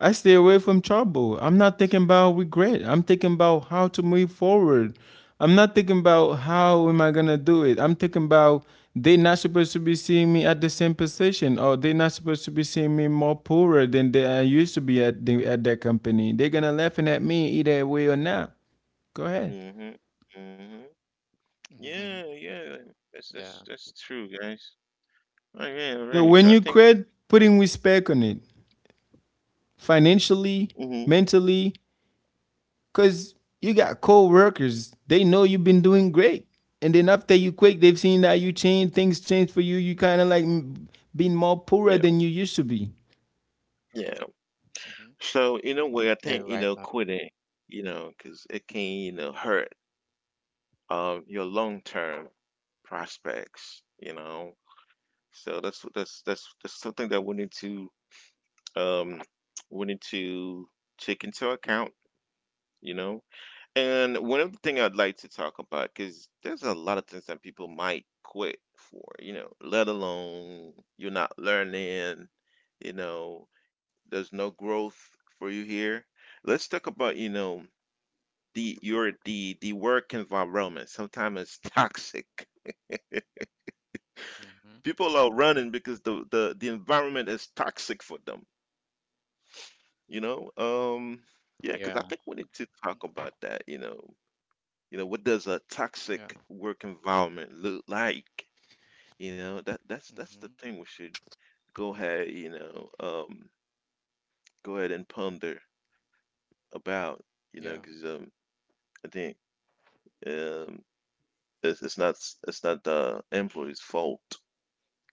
Speaker 2: I stay away from trouble. I'm not thinking about regret. I'm thinking about how to move forward. I'm not thinking about how am I gonna do it. I'm thinking about they not supposed to be seeing me at the same position, or they not supposed to be seeing me more poorer than they I used to be at the, at that company. They're gonna laughing at me either way or not. Go ahead.
Speaker 1: mm-hmm, mm-hmm.
Speaker 3: mhm, mhm, mhm.
Speaker 1: Yeah, yeah, like, that's
Speaker 3: Yeah.
Speaker 1: that's that's true, guys. All right, all
Speaker 2: So
Speaker 1: right. So
Speaker 2: when
Speaker 1: I
Speaker 2: you
Speaker 1: think,
Speaker 3: Mhm,
Speaker 2: quit, putting respect on it, financially,
Speaker 1: hmm
Speaker 2: mentally, cause you got co-workers, they know you've been doing great. And then after you quit, they've seen that you change, things change for you. You kind of like m- been more poorer
Speaker 1: yeah,
Speaker 2: than you used to be.
Speaker 1: yeah.
Speaker 3: mhm.
Speaker 1: So in a way, I think
Speaker 3: Yeah,
Speaker 1: you
Speaker 3: you're
Speaker 1: know
Speaker 3: right. Uh,
Speaker 1: quitting, you know, because it can, you know hurt um your long term prospects, you know. So that's that's that's that's something that we need to, um we need to take into account, you know. And one of the thing I'd like to talk about, because there's a lot of things that people might quit for, you know, let alone you're not learning, you know, there's no growth for you here. Let's talk about, you know, the your the the work environment. Sometimes it's toxic.
Speaker 3: mhm.
Speaker 1: People are running because the the the environment is toxic for them, you know? Um, yeah, because I
Speaker 3: Yeah.
Speaker 1: think we need to talk about that, you know. You know, what does a toxic
Speaker 3: Yeah.
Speaker 1: work environment look like? You know, that that's that's the
Speaker 3: Mhm.
Speaker 1: thing we should go ahead, you know, um, go ahead and ponder about, you know, because
Speaker 3: Yeah.
Speaker 1: um, I think, um, it's, it's not it's not the employee's fault,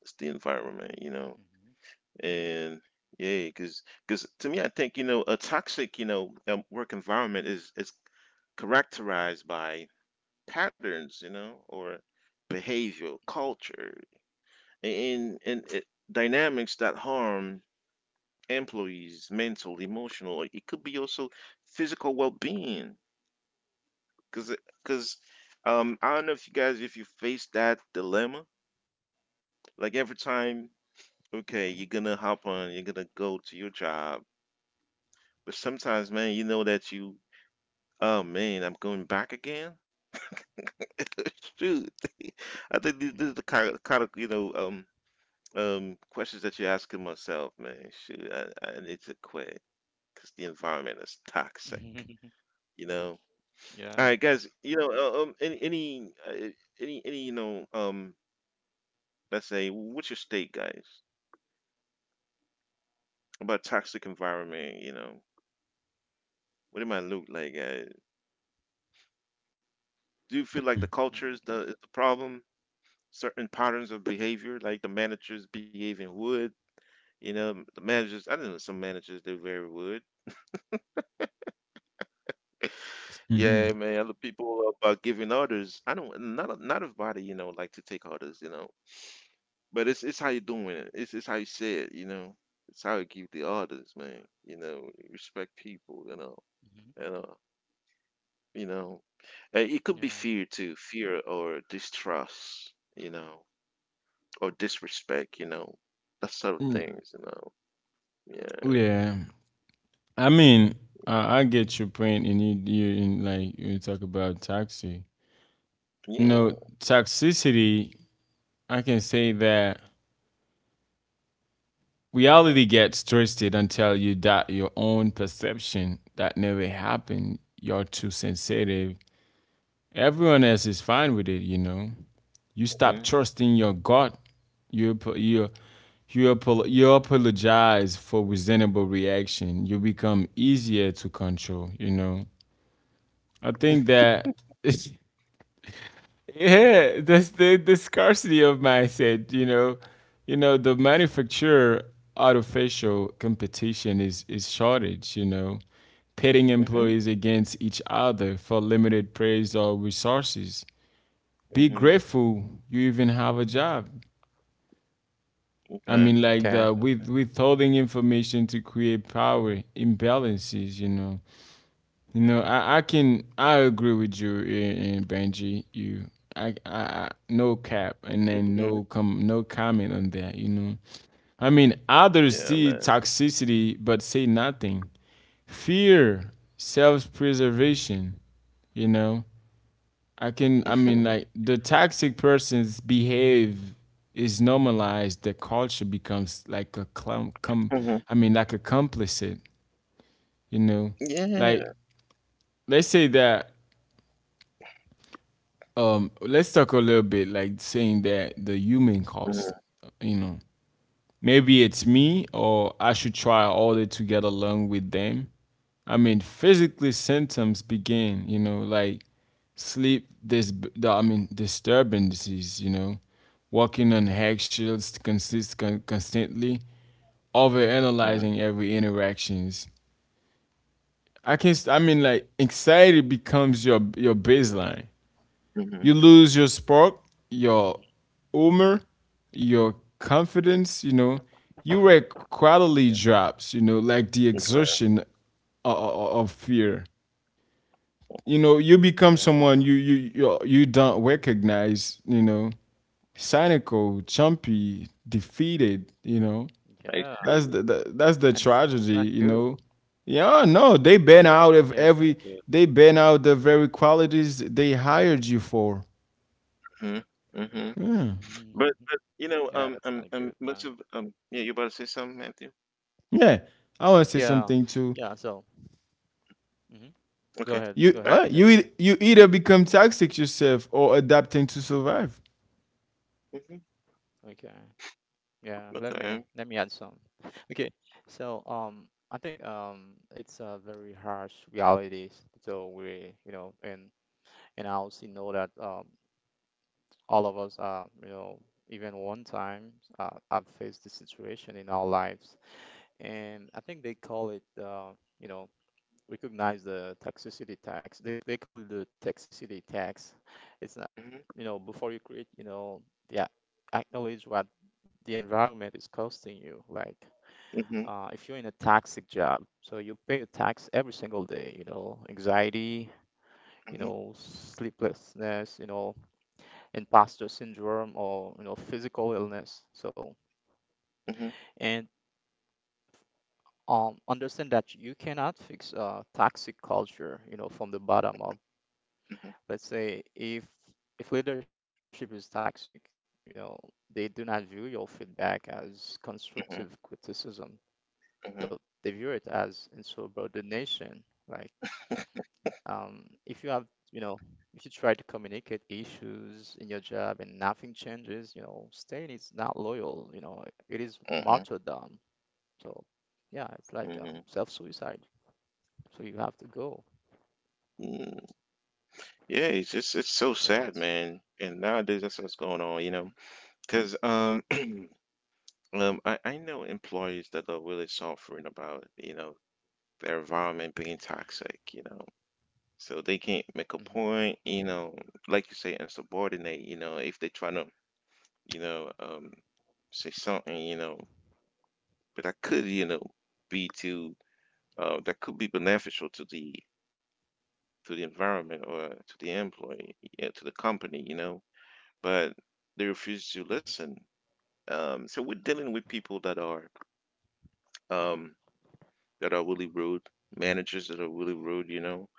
Speaker 1: it's the environment, you know,
Speaker 3: Mhm,
Speaker 1: and yeah, because because to me, I think you know, a toxic, you know, um, work environment is is characterized by patterns, you know, or behavior, culture, and and it, dynamics that harm employees mental, emotional, like, it could be also physical well-being, because because um I don't know if you guys if you face that dilemma, like every time, okay, you're
Speaker 3: mhm,
Speaker 1: gonna hop on, you're gonna go to your job, but sometimes man, you know that you oh man, I'm going back again. Shoot. I think this, this is the
Speaker 3: mhm.
Speaker 1: kind of, kind of you know um um questions that you're asking myself, man. Shoot, i, I need to quit because the environment is toxic.
Speaker 3: Mhm.
Speaker 1: You know. All right,
Speaker 3: Yeah.
Speaker 1: guys. You know, uh, um, any, any, uh, any, any, you know, um, let's say, what's your state, guys, about toxic environment? You know, what it might look like. Uh, do you feel like the culture is the is the
Speaker 3: Mm,
Speaker 1: problem? Certain patterns of behavior, like the managers behaving would. You know, the managers. I don't know, some managers they very would. Yeah,
Speaker 2: Mhm.
Speaker 1: man. Other people about giving orders. I don't. Not not everybody. You know, like to take orders. You know. But it's it's how you doing it. It's it's how you say it, you know. It's how you keep the audience, man. You know, respect people, you know.
Speaker 3: mhm.
Speaker 1: You know. you know, and it could be
Speaker 3: Yeah.
Speaker 1: fear too, fear or distrust, you know, or disrespect, you know, that sort of
Speaker 2: Mm,
Speaker 1: things, you know. Yeah,
Speaker 2: yeah, I mean, I, I get your point, and you, you in like you talk about toxic. You know,
Speaker 1: yeah,
Speaker 2: toxicity. I can say that reality gets twisted until you doubt your own perception. That never happened. You're too sensitive. Everyone else is fine with it, you know. You stop
Speaker 1: mhm,
Speaker 2: trusting your gut. You you you you apologize for reasonable reaction. You become easier to control. You know. I think that yeah, that's the the scarcity of mindset. You know, you know the manufacturer artificial competition is is shortage. You know, pitting
Speaker 1: mhm,
Speaker 2: employees against each other for limited praise or resources be
Speaker 1: mhm.
Speaker 2: grateful you even have a job. I
Speaker 1: Okay,
Speaker 2: mean, like the
Speaker 1: okay,
Speaker 3: Okay.
Speaker 2: with withholding information to
Speaker 1: mhm,
Speaker 2: create power imbalances. You know, you know. I, I can I agree with you and Benji. You I, I I- No cap and then
Speaker 1: mhm.
Speaker 2: no com no comment on that. You know, I mean others
Speaker 1: Yeah,
Speaker 2: see
Speaker 1: man.
Speaker 2: toxicity but say nothing. Fear, self preservation. You know, I can I mean like the toxic person's behave is normalized the culture becomes like a clum com
Speaker 1: Mhm.
Speaker 2: I mean like a complicit, you know. Like
Speaker 1: Yeah,
Speaker 2: let's say that um let's talk a little bit like saying that the human cost,
Speaker 1: mhm,
Speaker 2: you know. Maybe it's me, or I should try harder to get along with them. I mean, physically symptoms begin, you know, like sleep this I mean disturbances, you know, walking on eggshells consist con- constantly,
Speaker 1: mhm,
Speaker 2: overanalyzing every interactions. I can I mean like anxiety becomes your your baseline. You
Speaker 1: mhm.
Speaker 2: lose your spark,
Speaker 3: Hmm.
Speaker 2: your humor, your confidence, you know. Your
Speaker 3: Yeah,
Speaker 2: quality drops, you know, like the
Speaker 1: Okay,
Speaker 2: exertion o- of fear. You know, you become
Speaker 3: yeah,
Speaker 2: someone you you you, you don't recognize, you know cynical, chumpy, defeated. You know,
Speaker 1: I
Speaker 3: yeah.
Speaker 2: that's
Speaker 1: see.
Speaker 2: the, the that's the
Speaker 3: And it's it's
Speaker 2: tragedy.
Speaker 3: not
Speaker 2: You
Speaker 3: good.
Speaker 2: know, yeah, no, they ban out of
Speaker 3: Yeah, it's not
Speaker 2: every
Speaker 3: good.
Speaker 2: they ban out the very qualities they hired you for.
Speaker 1: Mhm, mhm.
Speaker 2: Yeah.
Speaker 3: Mhm.
Speaker 1: But, but you know,
Speaker 3: Yeah,
Speaker 1: um,
Speaker 3: that's
Speaker 1: um,
Speaker 3: not good,
Speaker 1: um, much
Speaker 3: man.
Speaker 1: of um, yeah, you about to say something, Matthew?
Speaker 2: Yeah, I want to say
Speaker 3: Yeah,
Speaker 2: something too.
Speaker 3: yeah. So, hmm, go
Speaker 1: Okay,
Speaker 3: ahead,
Speaker 2: You
Speaker 3: go ahead,
Speaker 2: uh,
Speaker 1: right.
Speaker 2: you
Speaker 3: Jamesy.
Speaker 2: eith- you either become toxic yourself or adapting to survive.
Speaker 1: Mm-hmm.
Speaker 3: Okay. Yeah, let me
Speaker 1: Okay.
Speaker 3: let me add some. Okay. So, um, I think um, it's a very harsh reality. So we, you know, and and I also know that um, all of us, uh, you know, even one time, uh, have faced this situation in our lives, and I think they call it, uh, you know, recognize the toxicity tax. They, they call it the toxicity tax. It's not,
Speaker 1: Mm-hmm.
Speaker 3: you know, before you create, you know, yeah, acknowledge what the environment is costing you. Like,
Speaker 1: Mm-hmm.
Speaker 3: uh, if you're in a toxic job, so you pay a tax every single day, you know, anxiety, you
Speaker 1: Mm-hmm.
Speaker 3: know, sleeplessness, you know, imposter syndrome, or you know, physical illness. So,
Speaker 1: Mm-hmm.
Speaker 3: and um, understand that you cannot fix uh, toxic culture, you know, from the bottom up.
Speaker 1: Mm-hmm.
Speaker 3: Let's say if if leadership is toxic, you know, they do not view your feedback as constructive criticism. They'll- They
Speaker 1: Mm-hmm.
Speaker 3: view it as insubordination. Like, um, if you have, you know, if you try to communicate issues in your job and nothing changes, you know, staying is not loyal. You know, it is
Speaker 1: Mm-hmm.
Speaker 3: martyrdom. So, yeah, it's like um,
Speaker 1: Mm-hmm.
Speaker 3: self-suicide. So you have to go.
Speaker 1: Mm. Yeah, it's just it's so
Speaker 3: Yeah,
Speaker 1: sad,
Speaker 3: it's.
Speaker 1: man. And nowadays, that's what's going on, you know, because um, um, I I know employees that are really suffering about, you know, their environment being toxic, you know. So they can't make a
Speaker 3: Mhm,
Speaker 1: point, you know, like you say, insubordinate, you know, if they try to, you know, um, say something, you know, but I could, you
Speaker 3: mhm,
Speaker 1: know, be to uh, that could be beneficial to the to the environment or to the employee, yeah, to the company, you know, but they refuse
Speaker 3: mhm,
Speaker 1: to
Speaker 3: mhm,
Speaker 1: listen. Um, so we're dealing with people that are um, that are really rude, managers that are really rude, you know.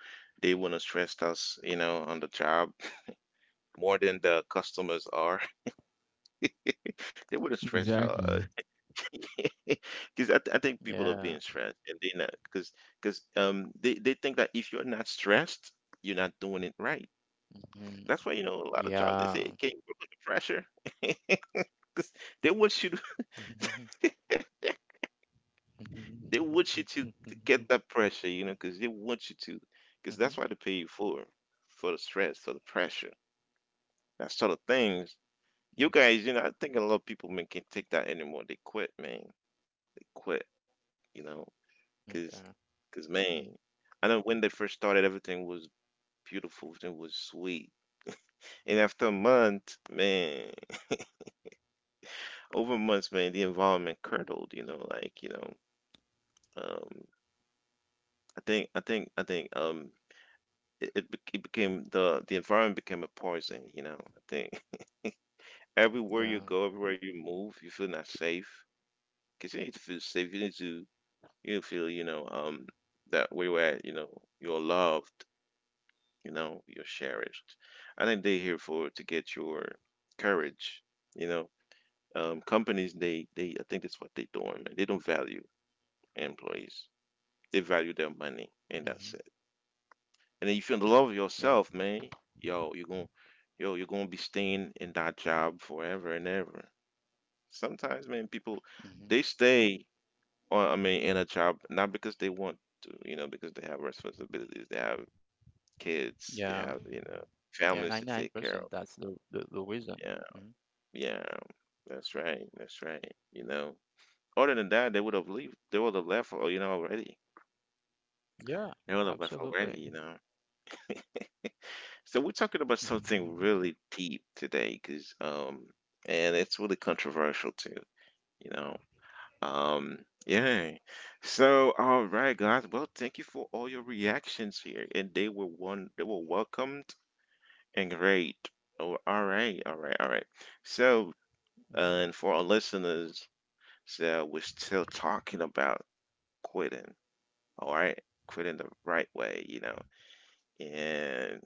Speaker 1: They want to stress us, you know, on the job more than the customers are. They want to stress
Speaker 3: mhm.
Speaker 2: Exactly.
Speaker 1: us, because I, th- I think people are
Speaker 3: Yeah.
Speaker 1: being stressed and they not because because um they, they think that if you're not stressed you're not doing it right. That's why,
Speaker 3: Mhm.
Speaker 1: you know, a lot of jobs they say can not
Speaker 3: Yeah.
Speaker 1: work under pressure. Because they want you to
Speaker 3: Mhm,
Speaker 1: they want you to, to get that pressure, you know, because they want you to, because that's why they
Speaker 3: mhm.
Speaker 1: pay you for for the stress, for the pressure, that sort of things. You guys, you know, I think a lot of people, man, can't take that anymore. They quit, man, they quit, you know,
Speaker 3: Okay.
Speaker 1: because
Speaker 3: Mhm.
Speaker 1: because man I know when they first started, everything was beautiful. It was sweet. And after a month, man, over months, man, the environment curdled. You know, like, you know, um, I think, I think, I think, um, it it, bec- it became the the environment became a poison. You know, I think everywhere
Speaker 3: Yeah.
Speaker 1: you go, everywhere you move, you feel not safe. Cause you need to feel safe. You need to, you need to feel, you know, um that where you're at. You know, you're loved. You know, you're cherished. I think they're here for to get your courage. You know, um, companies they they I think that's what they're doing, man. They don't value employees. They value their money, and
Speaker 3: Mhm.
Speaker 1: that's it. And if you love
Speaker 3: Yeah.
Speaker 1: yourself, man, yo, you're going yo, you're gonna be staying in that job forever and ever. Sometimes, man, people they
Speaker 3: Mhm.
Speaker 1: stay on, I mean, in a job not because they want to, you know, because they have responsibilities, they have kids, they have,
Speaker 3: Yeah.
Speaker 1: you know, families to
Speaker 3: Yeah.
Speaker 1: take care of.
Speaker 3: ninety-nine percent, that's the the, the reason.
Speaker 1: Yeah,
Speaker 3: Mhm.
Speaker 1: yeah, that's right, that's right. You know. Other than that, they would have leave. They would have left, al-, you know, already.
Speaker 3: Yeah,
Speaker 1: They would have left
Speaker 3: absolutely.
Speaker 1: already, you know. So we're talking about
Speaker 3: Mhm, mhm,
Speaker 1: something really deep today, because um, and it's really controversial too, you know. Um, yeah. So, all right, guys. Well, thank you for all your reactions here, and they were one. They were welcomed and great. Oh, all right, all right, all right. So, uh, and for our listeners, so we're still talking about quitting, all right, quit in the right way, you know. And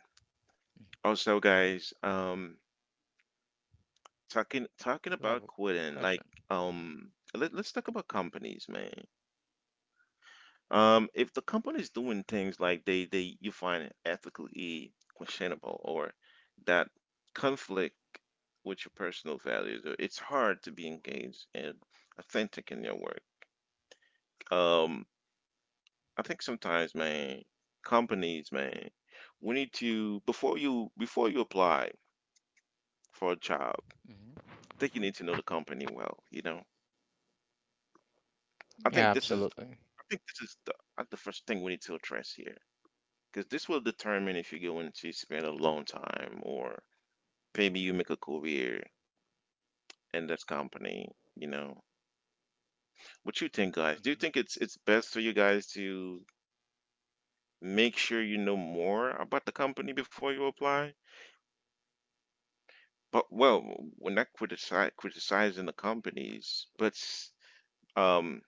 Speaker 3: mhm.
Speaker 1: also guys, um talking
Speaker 3: Do I
Speaker 1: talking
Speaker 3: have a
Speaker 1: about
Speaker 3: question?
Speaker 1: quitting, like um let, let's talk about companies, man. Um if the company's doing things like they they you find ethically questionable or that conflict with your personal values, uh, it's hard to be engaged and authentic in your work. um I think sometimes, man, companies, man, we need to, before you, before you apply for a job, I
Speaker 3: Mhm.
Speaker 1: think you need to know the company well. You know, I
Speaker 3: Yeah,
Speaker 1: think this is
Speaker 3: absolutely.
Speaker 1: I think this is the uh, the first thing we need to address here, because this will determine if you're going to spend a long time or maybe you make a career in this company. You know, what you think, guys?
Speaker 3: Mhm,
Speaker 1: Do you think it's it's best for you guys to make sure you know more about the company before you apply? But well, we're not critici criticizing the companies, but um,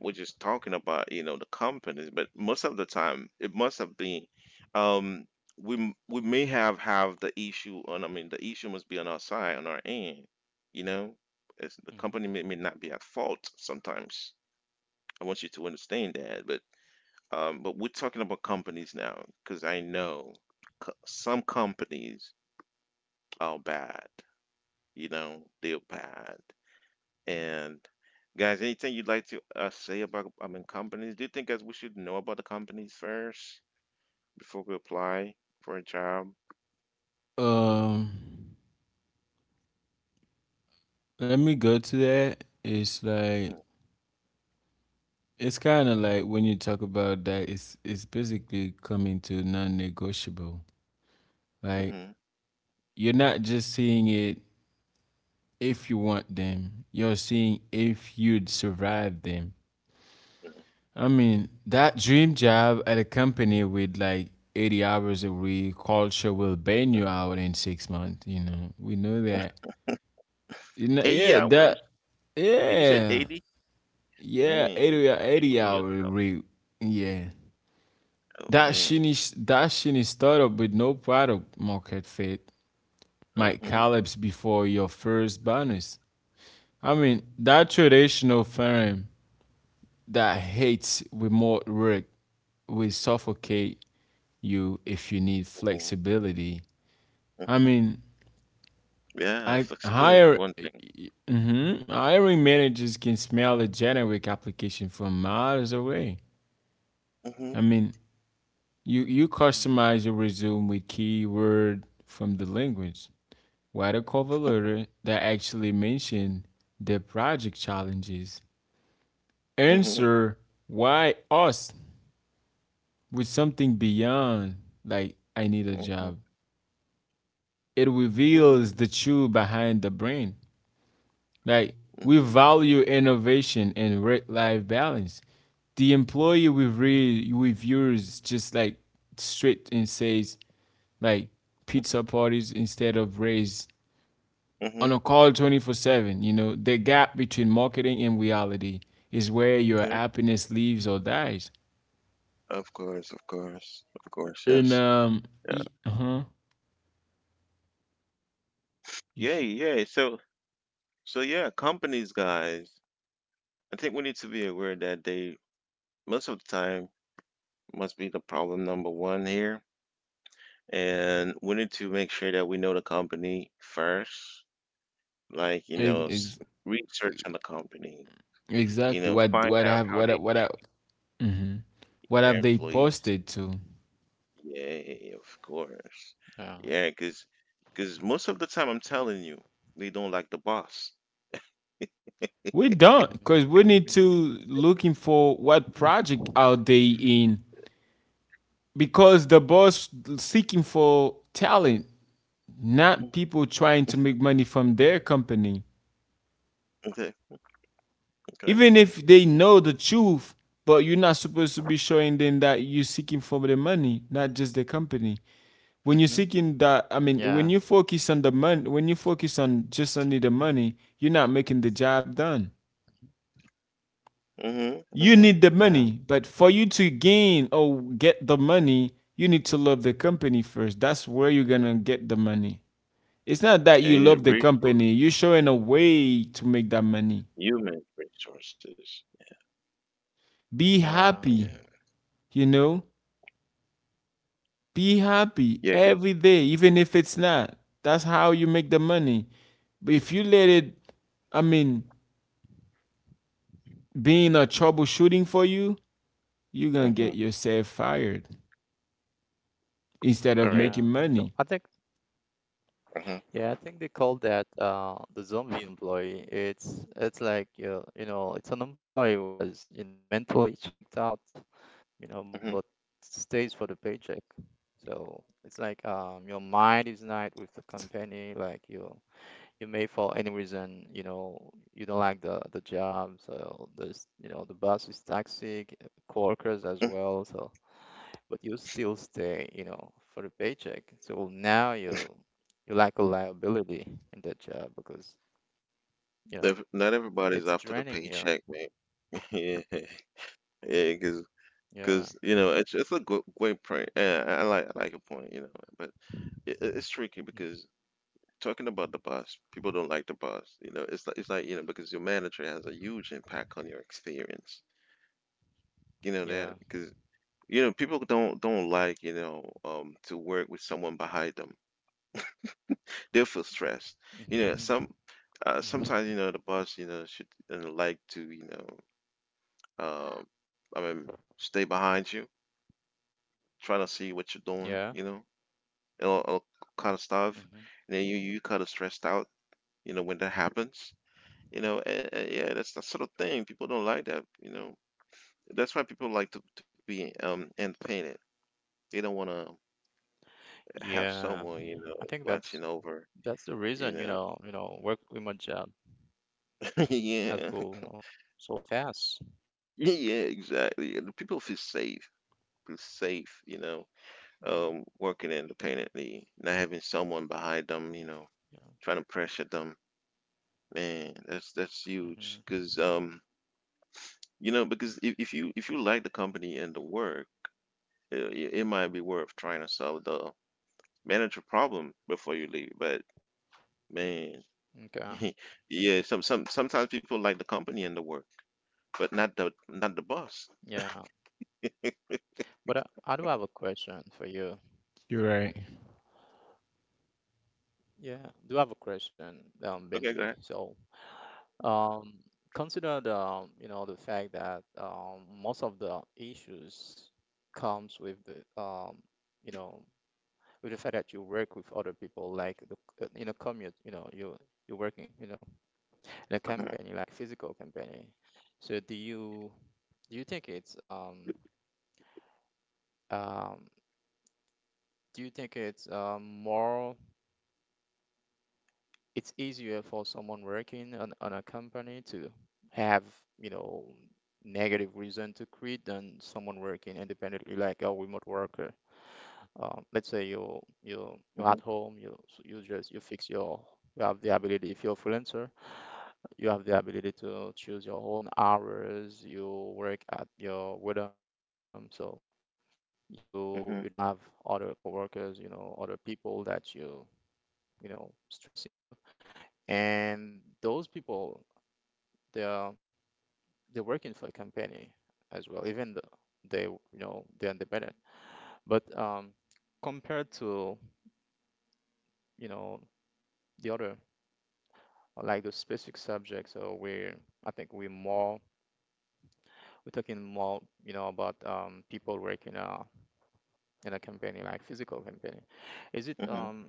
Speaker 1: we're just talking about, you know, the companies. But most of the time, it must have been, um, we m- we may have have the issue on. I mean, the issue must be on our side, on our end. You know, it's, the
Speaker 3: mhm,
Speaker 1: company may, may not be at fault sometimes. I want you to understand that. But um, but we're talking about companies now, because I know co- some companies are bad. You know, they're bad. And guys, anything you'd like to uh, say about, I mean, companies? Do you think, guys, we should know about the companies first before we apply for a job?
Speaker 2: Um, let me go to that. It's like it's kind of like when you talk about that, it's it's basically coming to non-negotiable. Like
Speaker 1: Mm-hmm.
Speaker 2: you're not just seeing it if you want them, you're seeing if you'd survive them. I mean, that dream job at a company with like eighty hours a week, culture will burn you out in six months. You know, we know that. You know,
Speaker 1: eighty
Speaker 2: yeah,
Speaker 1: hours?
Speaker 2: that,
Speaker 1: You said
Speaker 2: yeah,
Speaker 1: eighty?
Speaker 2: yeah,
Speaker 1: Man, you
Speaker 2: eighty, hou-
Speaker 1: can't
Speaker 2: eighty
Speaker 1: clean
Speaker 2: hour a
Speaker 1: yourself.
Speaker 2: week. Yeah.
Speaker 1: Oh
Speaker 2: That
Speaker 1: man.
Speaker 2: shiny, sh- that shiny startup with no product market fit might
Speaker 1: Mm-hmm.
Speaker 2: collapse before your first bonus. I mean, that traditional firm that hates remote work will suffocate you if you need
Speaker 1: Hmm.
Speaker 2: flexibility. I
Speaker 1: Hmm.
Speaker 2: mean,
Speaker 1: Yeah,
Speaker 2: I
Speaker 1: flexibility is
Speaker 2: hire
Speaker 1: one thing.
Speaker 2: mhm, hiring managers can smell a generic application from miles away.
Speaker 1: Mm-hmm.
Speaker 2: I mean, you you
Speaker 3: mhm.
Speaker 2: customize your resume with keyword from the language. Write a cover letter that actually mention the project challenges.
Speaker 1: Mm-hmm.
Speaker 2: Answer why us with something beyond like I need a
Speaker 1: Mm-hmm.
Speaker 2: job. It
Speaker 1: Mm-hmm.
Speaker 2: reveals the truth behind the brand. Like we
Speaker 1: Mm-hmm.
Speaker 2: value innovation and work-life balance. The employee we read reviews just like straight and says like
Speaker 1: Mm-hmm.
Speaker 2: pizza parties instead of raise on
Speaker 1: Mm-hmm.
Speaker 2: a call twenty four seven. You know the gap between marketing and reality is where your
Speaker 1: Okay.
Speaker 2: happiness lives or dies.
Speaker 1: Of course, of course, of course,
Speaker 2: And
Speaker 1: yes.
Speaker 2: um,
Speaker 1: Yeah.
Speaker 2: e- uh huh.
Speaker 1: Yeah, yeah. So so yeah, companies, guys. I think we need to be aware that they most of the time must be the problem number one here. And we need to make sure that we know the company first, like, you know, s- research on the company, you
Speaker 2: Exactly.
Speaker 1: know,
Speaker 2: What
Speaker 1: find
Speaker 2: what
Speaker 1: out
Speaker 2: have
Speaker 1: how
Speaker 2: what
Speaker 1: they
Speaker 2: what have, hmm what
Speaker 1: their
Speaker 2: have they
Speaker 1: employees.
Speaker 2: posted to?
Speaker 1: Yeah, of course.
Speaker 3: Yeah.
Speaker 1: Yeah, because because most of the time I'm telling you, they don't like the boss.
Speaker 2: We
Speaker 3: Mhm,
Speaker 2: don't, because we
Speaker 3: mhm,
Speaker 2: need to looking for
Speaker 3: mhm,
Speaker 2: what project are they in? Because the boss seeking for talent,
Speaker 1: Mm,
Speaker 2: not people trying to make money from their company.
Speaker 1: okay, okay.
Speaker 2: Even if they know the truth, but you're not supposed to be showing them that you're seeking for the money, not just the company.
Speaker 3: mhm.
Speaker 2: When you're seeking that, I mean
Speaker 3: Yeah.
Speaker 2: when you focus on the money, when you focus on just only the money, you're not making the job done.
Speaker 1: Mm-hmm,
Speaker 2: You
Speaker 1: mm-hmm.
Speaker 2: need the
Speaker 3: Yeah.
Speaker 2: money, but for you to gain or get the money, you need to love the company first. That's where you're gonna get the money. It's not that
Speaker 1: Yeah,
Speaker 2: you
Speaker 1: you need
Speaker 2: love the
Speaker 1: resource,
Speaker 2: company, you're showing a way to make that money.
Speaker 1: human resources.
Speaker 2: Be
Speaker 3: Yeah,
Speaker 1: Yeah,
Speaker 2: happy,
Speaker 1: yeah,
Speaker 2: you know, be happy
Speaker 1: yeah, 'cause-
Speaker 2: every day even if it's not, that's how you make the money. But if you let it, I mean, being a troubleshooting for you, you're gonna
Speaker 1: mhm.
Speaker 2: get yourself fired instead
Speaker 1: All
Speaker 2: of
Speaker 1: right.
Speaker 3: yeah.
Speaker 2: making
Speaker 3: So
Speaker 2: money.
Speaker 3: I think,
Speaker 1: Mhm.
Speaker 3: yeah, I think they call that uh the zombie employee. It's it's like you you know, it's an employee who has you know mentally checked out, you know, but
Speaker 1: Mhm,
Speaker 3: stays for the paycheck. So it's like um your mind is not with the company. Like you you may for any reason, you know, you don't like the the job. So there's, you know, the boss is toxic, coworkers as
Speaker 1: mm.
Speaker 3: well. So but you still stay, you know, for the paycheck. So now you you lack a liability in that job because, you know,
Speaker 1: Not everybody's
Speaker 3: it's
Speaker 1: after the
Speaker 3: draining you.
Speaker 1: paycheck, man. Yeah, yeah,
Speaker 3: Mhm.
Speaker 1: because, because
Speaker 3: Yeah.
Speaker 1: you know, it's it's a goo great point. Yeah, I I like I like your point, you know, but it it's tricky
Speaker 3: Mhm.
Speaker 1: because talking about the boss, people don't like the boss, you know? It's like it's like, you know, because your manager has a huge impact on your experience, you know, that
Speaker 3: Yeah.
Speaker 1: because, you know, people don't don't like, you know, um, to work with someone behind them. They feel stressed. You know,
Speaker 3: Mhm.
Speaker 1: some uh, sometimes, you know, the
Speaker 3: Mhm.
Speaker 1: boss, you know, should, you know, like to, you know, Um, I mean, stay behind you, trying to see what you're
Speaker 3: Yeah.
Speaker 1: doing, you know, and all, all kind of stuff.
Speaker 3: Mhm.
Speaker 1: And then you you kind of stressed out, you know, when that happens, you know. And, and yeah, that's that sort of thing. People don't like that, you know. That's why people like to to be um independent. They don't want to have
Speaker 3: Yeah.
Speaker 1: someone, you
Speaker 3: I
Speaker 1: know,
Speaker 3: think that's
Speaker 1: watching over,
Speaker 3: that's the
Speaker 1: you
Speaker 3: reason, you
Speaker 1: know.
Speaker 3: know, you know, work remote job has
Speaker 1: Yeah,
Speaker 3: go, you know, so fast.
Speaker 1: yeah, exactly. And people feel safe, feel safe, you know, um,
Speaker 3: Hmm.
Speaker 1: working independently, not having someone behind them, you know,
Speaker 3: Yeah.
Speaker 1: trying to pressure them. Man, that's that's huge.
Speaker 3: Hmm.
Speaker 1: Because um, you know, because if, if you, if you like the company and the work, it, it might be worth trying to solve the manager problem before you leave. But man,
Speaker 3: Okay.
Speaker 1: yeah, some some sometimes people like the company and the work, but not the, not the boss.
Speaker 3: Yeah. But I, I do have a question for you.
Speaker 2: You're right.
Speaker 3: Yeah, do have a question, um,
Speaker 1: Okay, go
Speaker 3: Benji.
Speaker 1: ahead.
Speaker 3: So, Um, consider the, you know, the fact that um, most of the issues comes with the, um, you know, with the fact that you work with other people, like the, uh, in a commute, you know, you you're working, you know, in a company
Speaker 1: Mm-hmm,
Speaker 3: like physical company. So do you do you think it's um um do you think it's um, more, it's easier for someone working on, on a company to have, you know, negative reason to quit than someone working independently, like a remote worker. Um, let's say you you you're at
Speaker 1: mm-hmm,
Speaker 3: home, you you just you fix your you have the ability if you're a freelancer, you have the ability to choose your own hours, you work at your rhythm, so you you don't have
Speaker 1: mm-hmm,
Speaker 3: other coworkers, you know, other people that you you know stressing you, and those people they are they're working for a company as well, even though they, you know, they're independent. But um, compared to, you know, the other like those specific subjects, so we I think we more we're talking more, you know, about um, people working uh, in a company like physical company. Is it
Speaker 1: mm-hmm.
Speaker 3: um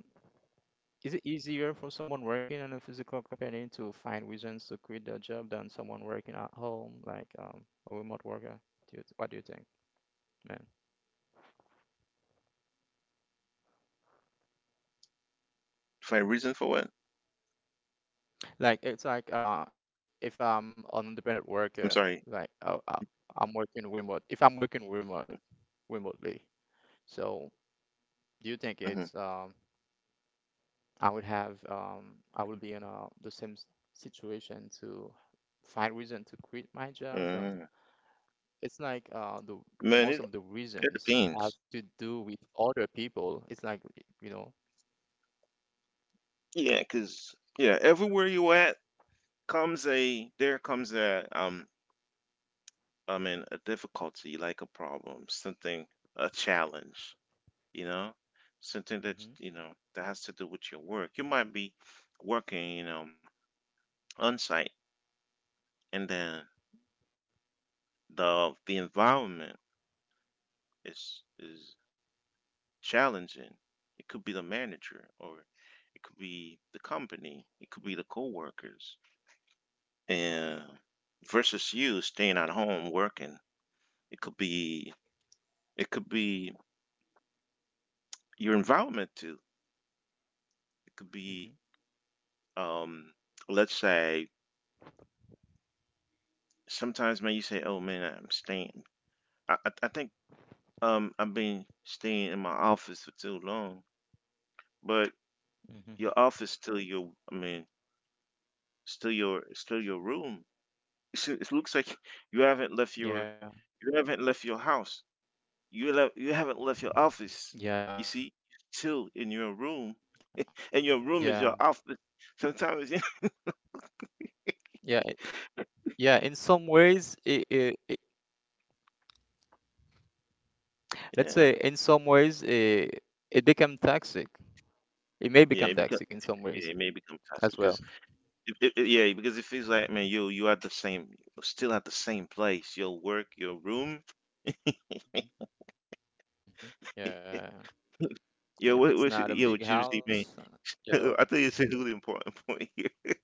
Speaker 3: is it easier for someone working in a physical company to find reasons to quit their job than someone working at home, like um, a remote worker? Do you, what do you think, man?
Speaker 1: Find reason for what?
Speaker 3: Like it's like uh if
Speaker 1: I'm
Speaker 3: I'm
Speaker 1: sorry.
Speaker 3: an independent worker, like I, I, I'm working remote. If I'm working remote, remotely, so
Speaker 1: Mm-hmm.
Speaker 3: do you think it's um I would have um I would be in a the same s- situation to find reason to quit
Speaker 1: Mm-hmm.
Speaker 3: my job? Then it's like
Speaker 1: Man,
Speaker 3: uh
Speaker 1: it
Speaker 3: the most
Speaker 1: it
Speaker 3: of the
Speaker 1: depends.
Speaker 3: reasons have to do with other people. It's like you know.
Speaker 1: Yeah, cause yeah, everywhere you at, comes a, there comes a um I mean a difficulty, like a problem, something, a challenge, you know, something that, you
Speaker 3: Hmm.
Speaker 1: know, that has to do with your work. You might be working, you know, on site, and then the the environment is is challenging. It could be the manager, or it could be the company, it could be the coworkers. And versus you staying at home working, it could be, it could be your environment too. It could be,
Speaker 3: Hmm.
Speaker 1: um, let's say, sometimes man, you say, "Oh man, I'm staying." I I, I think um I've been staying in my office for too long, but your office
Speaker 3: Hmm.
Speaker 1: still your, I mean, still your, still your room. It's, it looks like you haven't left your,
Speaker 3: Yeah,
Speaker 1: you haven't left your house. You left, you haven't left your
Speaker 3: yeah,
Speaker 1: office. You see, still in your room, and
Speaker 3: yeah,
Speaker 1: your room is your office. Sometimes,
Speaker 3: yeah, it- yeah. In some ways, it, it, it let's
Speaker 1: yeah,
Speaker 3: say in some ways it, it become toxic. It may
Speaker 1: yeah, it
Speaker 3: become
Speaker 1: become
Speaker 3: toxic in some
Speaker 1: yeah, it may
Speaker 3: ways
Speaker 1: become toxic because
Speaker 3: as well.
Speaker 1: It, it, it- yeah, because it feels like, man, you you at the same, you're still at the same place. Your work, your room.
Speaker 3: Mm-hmm. Yeah.
Speaker 1: Yo, what,
Speaker 3: And if
Speaker 1: what's
Speaker 3: it's not
Speaker 1: yo,
Speaker 3: a big
Speaker 1: Juicy man?
Speaker 3: house, uh,
Speaker 1: I
Speaker 3: yeah,
Speaker 1: think it's a really important point here.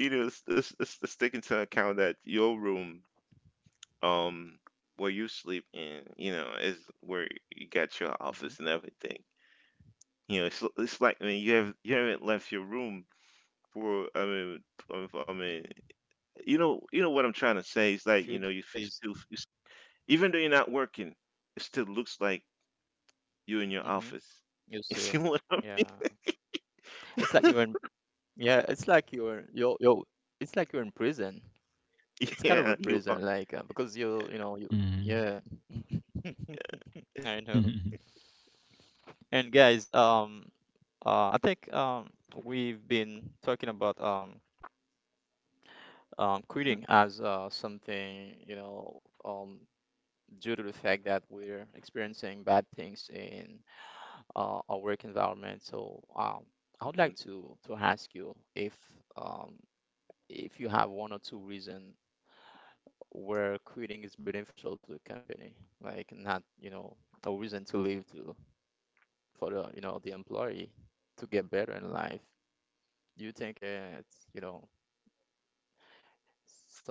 Speaker 1: You know, let's, let's, let's, let's take into account that your room, um, where you sleep in, you know, is where you got your office and
Speaker 3: hmm,
Speaker 1: everything. You know, it's it's like I mean, you have you haven't left your room for I mean, I mean, I mean, you know, you know what I'm trying to say. It's like you
Speaker 3: for
Speaker 1: know,
Speaker 3: a
Speaker 1: you
Speaker 3: few
Speaker 1: f- still
Speaker 3: days.
Speaker 1: you. Even though you're not working, it still looks like you're in your
Speaker 3: Hmm.
Speaker 1: office.
Speaker 3: You
Speaker 1: You see
Speaker 3: still,
Speaker 1: what I'm?
Speaker 3: yeah. It's like you're in, yeah. It's like you're you're you're. It's like you're in prison. It's kind of
Speaker 1: Yeah,
Speaker 3: a
Speaker 1: you are.
Speaker 3: prison, like uh, because you you know you
Speaker 2: Mm-hmm.
Speaker 3: yeah. I know. And guys, um, uh, I think um we've been talking about um um, quitting as uh, something, you know, um, due to the fact that we're experiencing bad things in uh, our work environment. So um,
Speaker 1: Mhm,
Speaker 3: I would like to to ask you if um, if you have one or two reason where quitting is beneficial to the company, like not, you know, a reason to leave to for the, you know, the employee to get better in life. Do you think uh, it's, you know,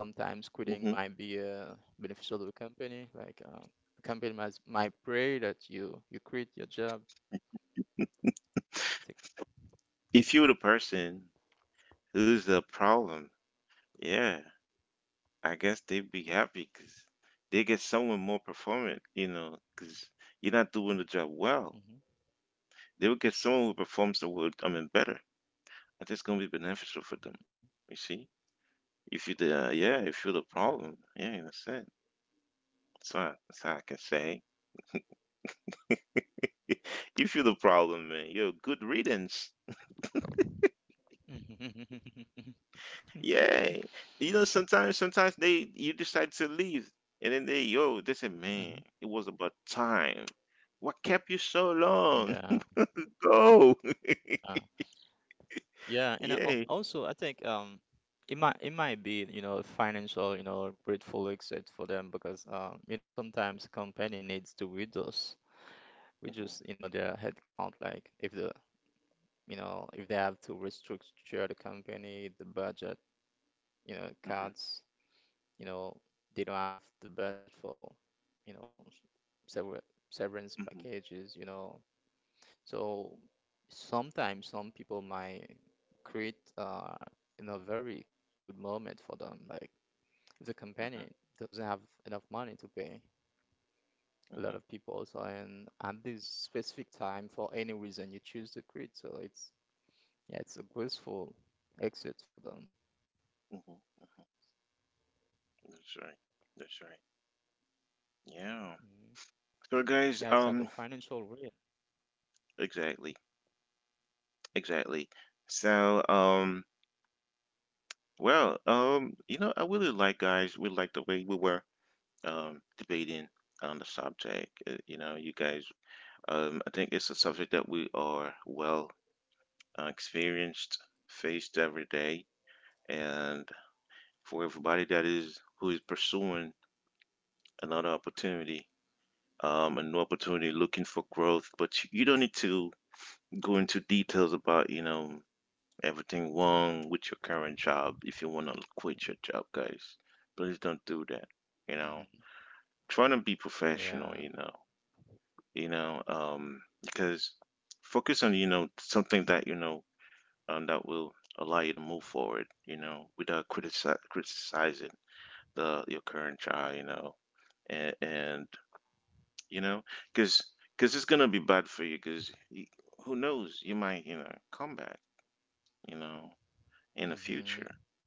Speaker 3: sometimes
Speaker 1: mhm.
Speaker 3: quitting might be uh, beneficial to the company. Like um, the company might might pray that you you quit your job. It's like,
Speaker 1: If you're the person who's the problem, yeah, I guess they'd be happy because they get someone more performant, you know, because you're not doing the job well.
Speaker 3: mhm,
Speaker 1: They would get someone who performs the work, I mean, better. I think it's going to be beneficial for them.
Speaker 3: mhm,
Speaker 1: You see? If you the, yeah, if you're the problem,
Speaker 3: yeah.
Speaker 1: yeah, that's it. That's what, that's how I can say. You feel the problem, man. Yo, good riddance. Yeah. You know, sometimes sometimes they you decide to leave and then they yo, they say, Man, it was
Speaker 3: Mhm.
Speaker 1: about time. What kept you so long?
Speaker 3: Yeah,
Speaker 1: Go.
Speaker 3: yeah, yeah,
Speaker 1: Yeah.
Speaker 3: and uh, al- also I think um, it might it might be, you know, financial, you know, grateful exit for them because um you know sometimes company needs to reduce reduce,
Speaker 1: Mm-hmm.
Speaker 3: you know, their headcount. Like if the, you know, if they have to restructure the company, the budget, you know,
Speaker 1: Mm-hmm.
Speaker 3: cats, you know, they don't have the budget for, you know, sever
Speaker 1: Mm-hmm.
Speaker 3: severance packages, you know. So sometimes some people might create, uh, you know, very good moment for them. Like if the company do- doesn't have enough money to pay
Speaker 1: Mm-hmm.
Speaker 3: a lot of people, so and at this specific time for any reason you choose to quit, so it's yeah, it's a graceful exit for them.
Speaker 1: Mm-hmm. Mm-hmm. That's right. That's right. Yeah.
Speaker 3: Mhm.
Speaker 1: So guys, um
Speaker 3: Yeah, it's like a financial way.
Speaker 1: exactly. Exactly. So um well, um, you know, I really like guys, we like the way we were um, debating on the subject. Uh, You know, you guys, um, I think it's a subject that we are well uh, experienced, faced every day, and for everybody that is who is pursuing another opportunity, um, a new opportunity, looking for growth. But you you don't need to go into details about you know everything wrong with your current job if you want to quit your job, guys. Please don't do that. You know,
Speaker 3: Hmm.
Speaker 1: try to be professional. You know
Speaker 3: Yeah.
Speaker 1: you know, um, because focus on, you know, something that, you know, um, that will allow you to move forward, you know, without critici- criticizing the your current child, you know, and, and you know, because because it's gonna be bad for you, because who knows, you might, you know, come back, you know, in the future.
Speaker 3: Hmm.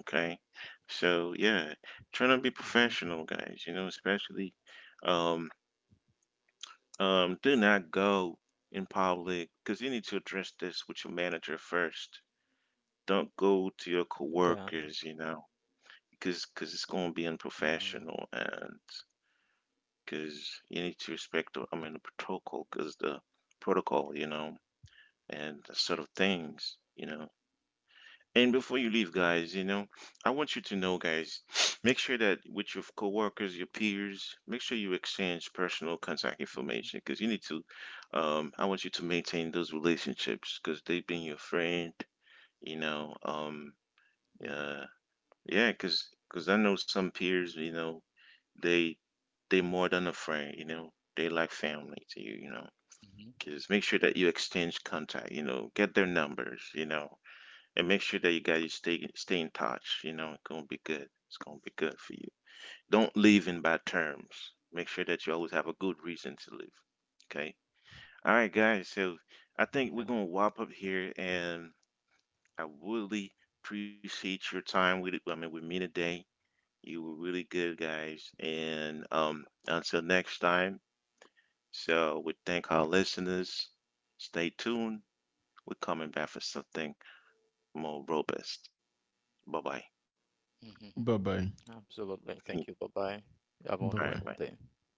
Speaker 1: Okay, so yeah, trying to be
Speaker 3: Mhm.
Speaker 1: professional, guys. You know, especially, um, Um, do not go in public because you need to address this with your manager first. Don't go to your
Speaker 3: Okay.
Speaker 1: coworkers, you know, because cause it's going to be
Speaker 3: Mhm.
Speaker 1: unprofessional and because you need to respect, the- I mean, the protocol because the protocol, you know, and the sort of things, you know. And before you leave, guys, you know, I want you to know, guys, make sure that with your coworkers, your peers, make sure you exchange personal contact information
Speaker 3: Mhm.
Speaker 1: because you need to. Um, I want you to maintain those relationships because they've been your friend. You know, um, uh,
Speaker 3: Mhm.
Speaker 1: yeah, because because I know some peers, you know, they they more than a friend. You know, they like family to you. You know,
Speaker 3: Mhm.
Speaker 1: because make sure that you exchange contact. You know, get their numbers. You know and make sure that you guys stay stay in touch. You know, it's gonna be good. It's gonna be good for you. Don't live in bad terms. Make sure that you always have a good reason to live. Okay. All right, guys. So I think we're
Speaker 3: Yeah.
Speaker 1: gonna wrap up here, and I really appreciate your time with it. I mean, with me today. You were really good, guys. And um, until next time. So we thank our listeners. Stay tuned. We're coming back for something more robust. Bye bye.
Speaker 2: Bye bye.
Speaker 3: Mhm.
Speaker 1: All
Speaker 3: Absolutely. Thank you. Bye-bye.
Speaker 2: Bye bye.
Speaker 1: right,
Speaker 3: Have a
Speaker 1: bye.
Speaker 3: wonderful day.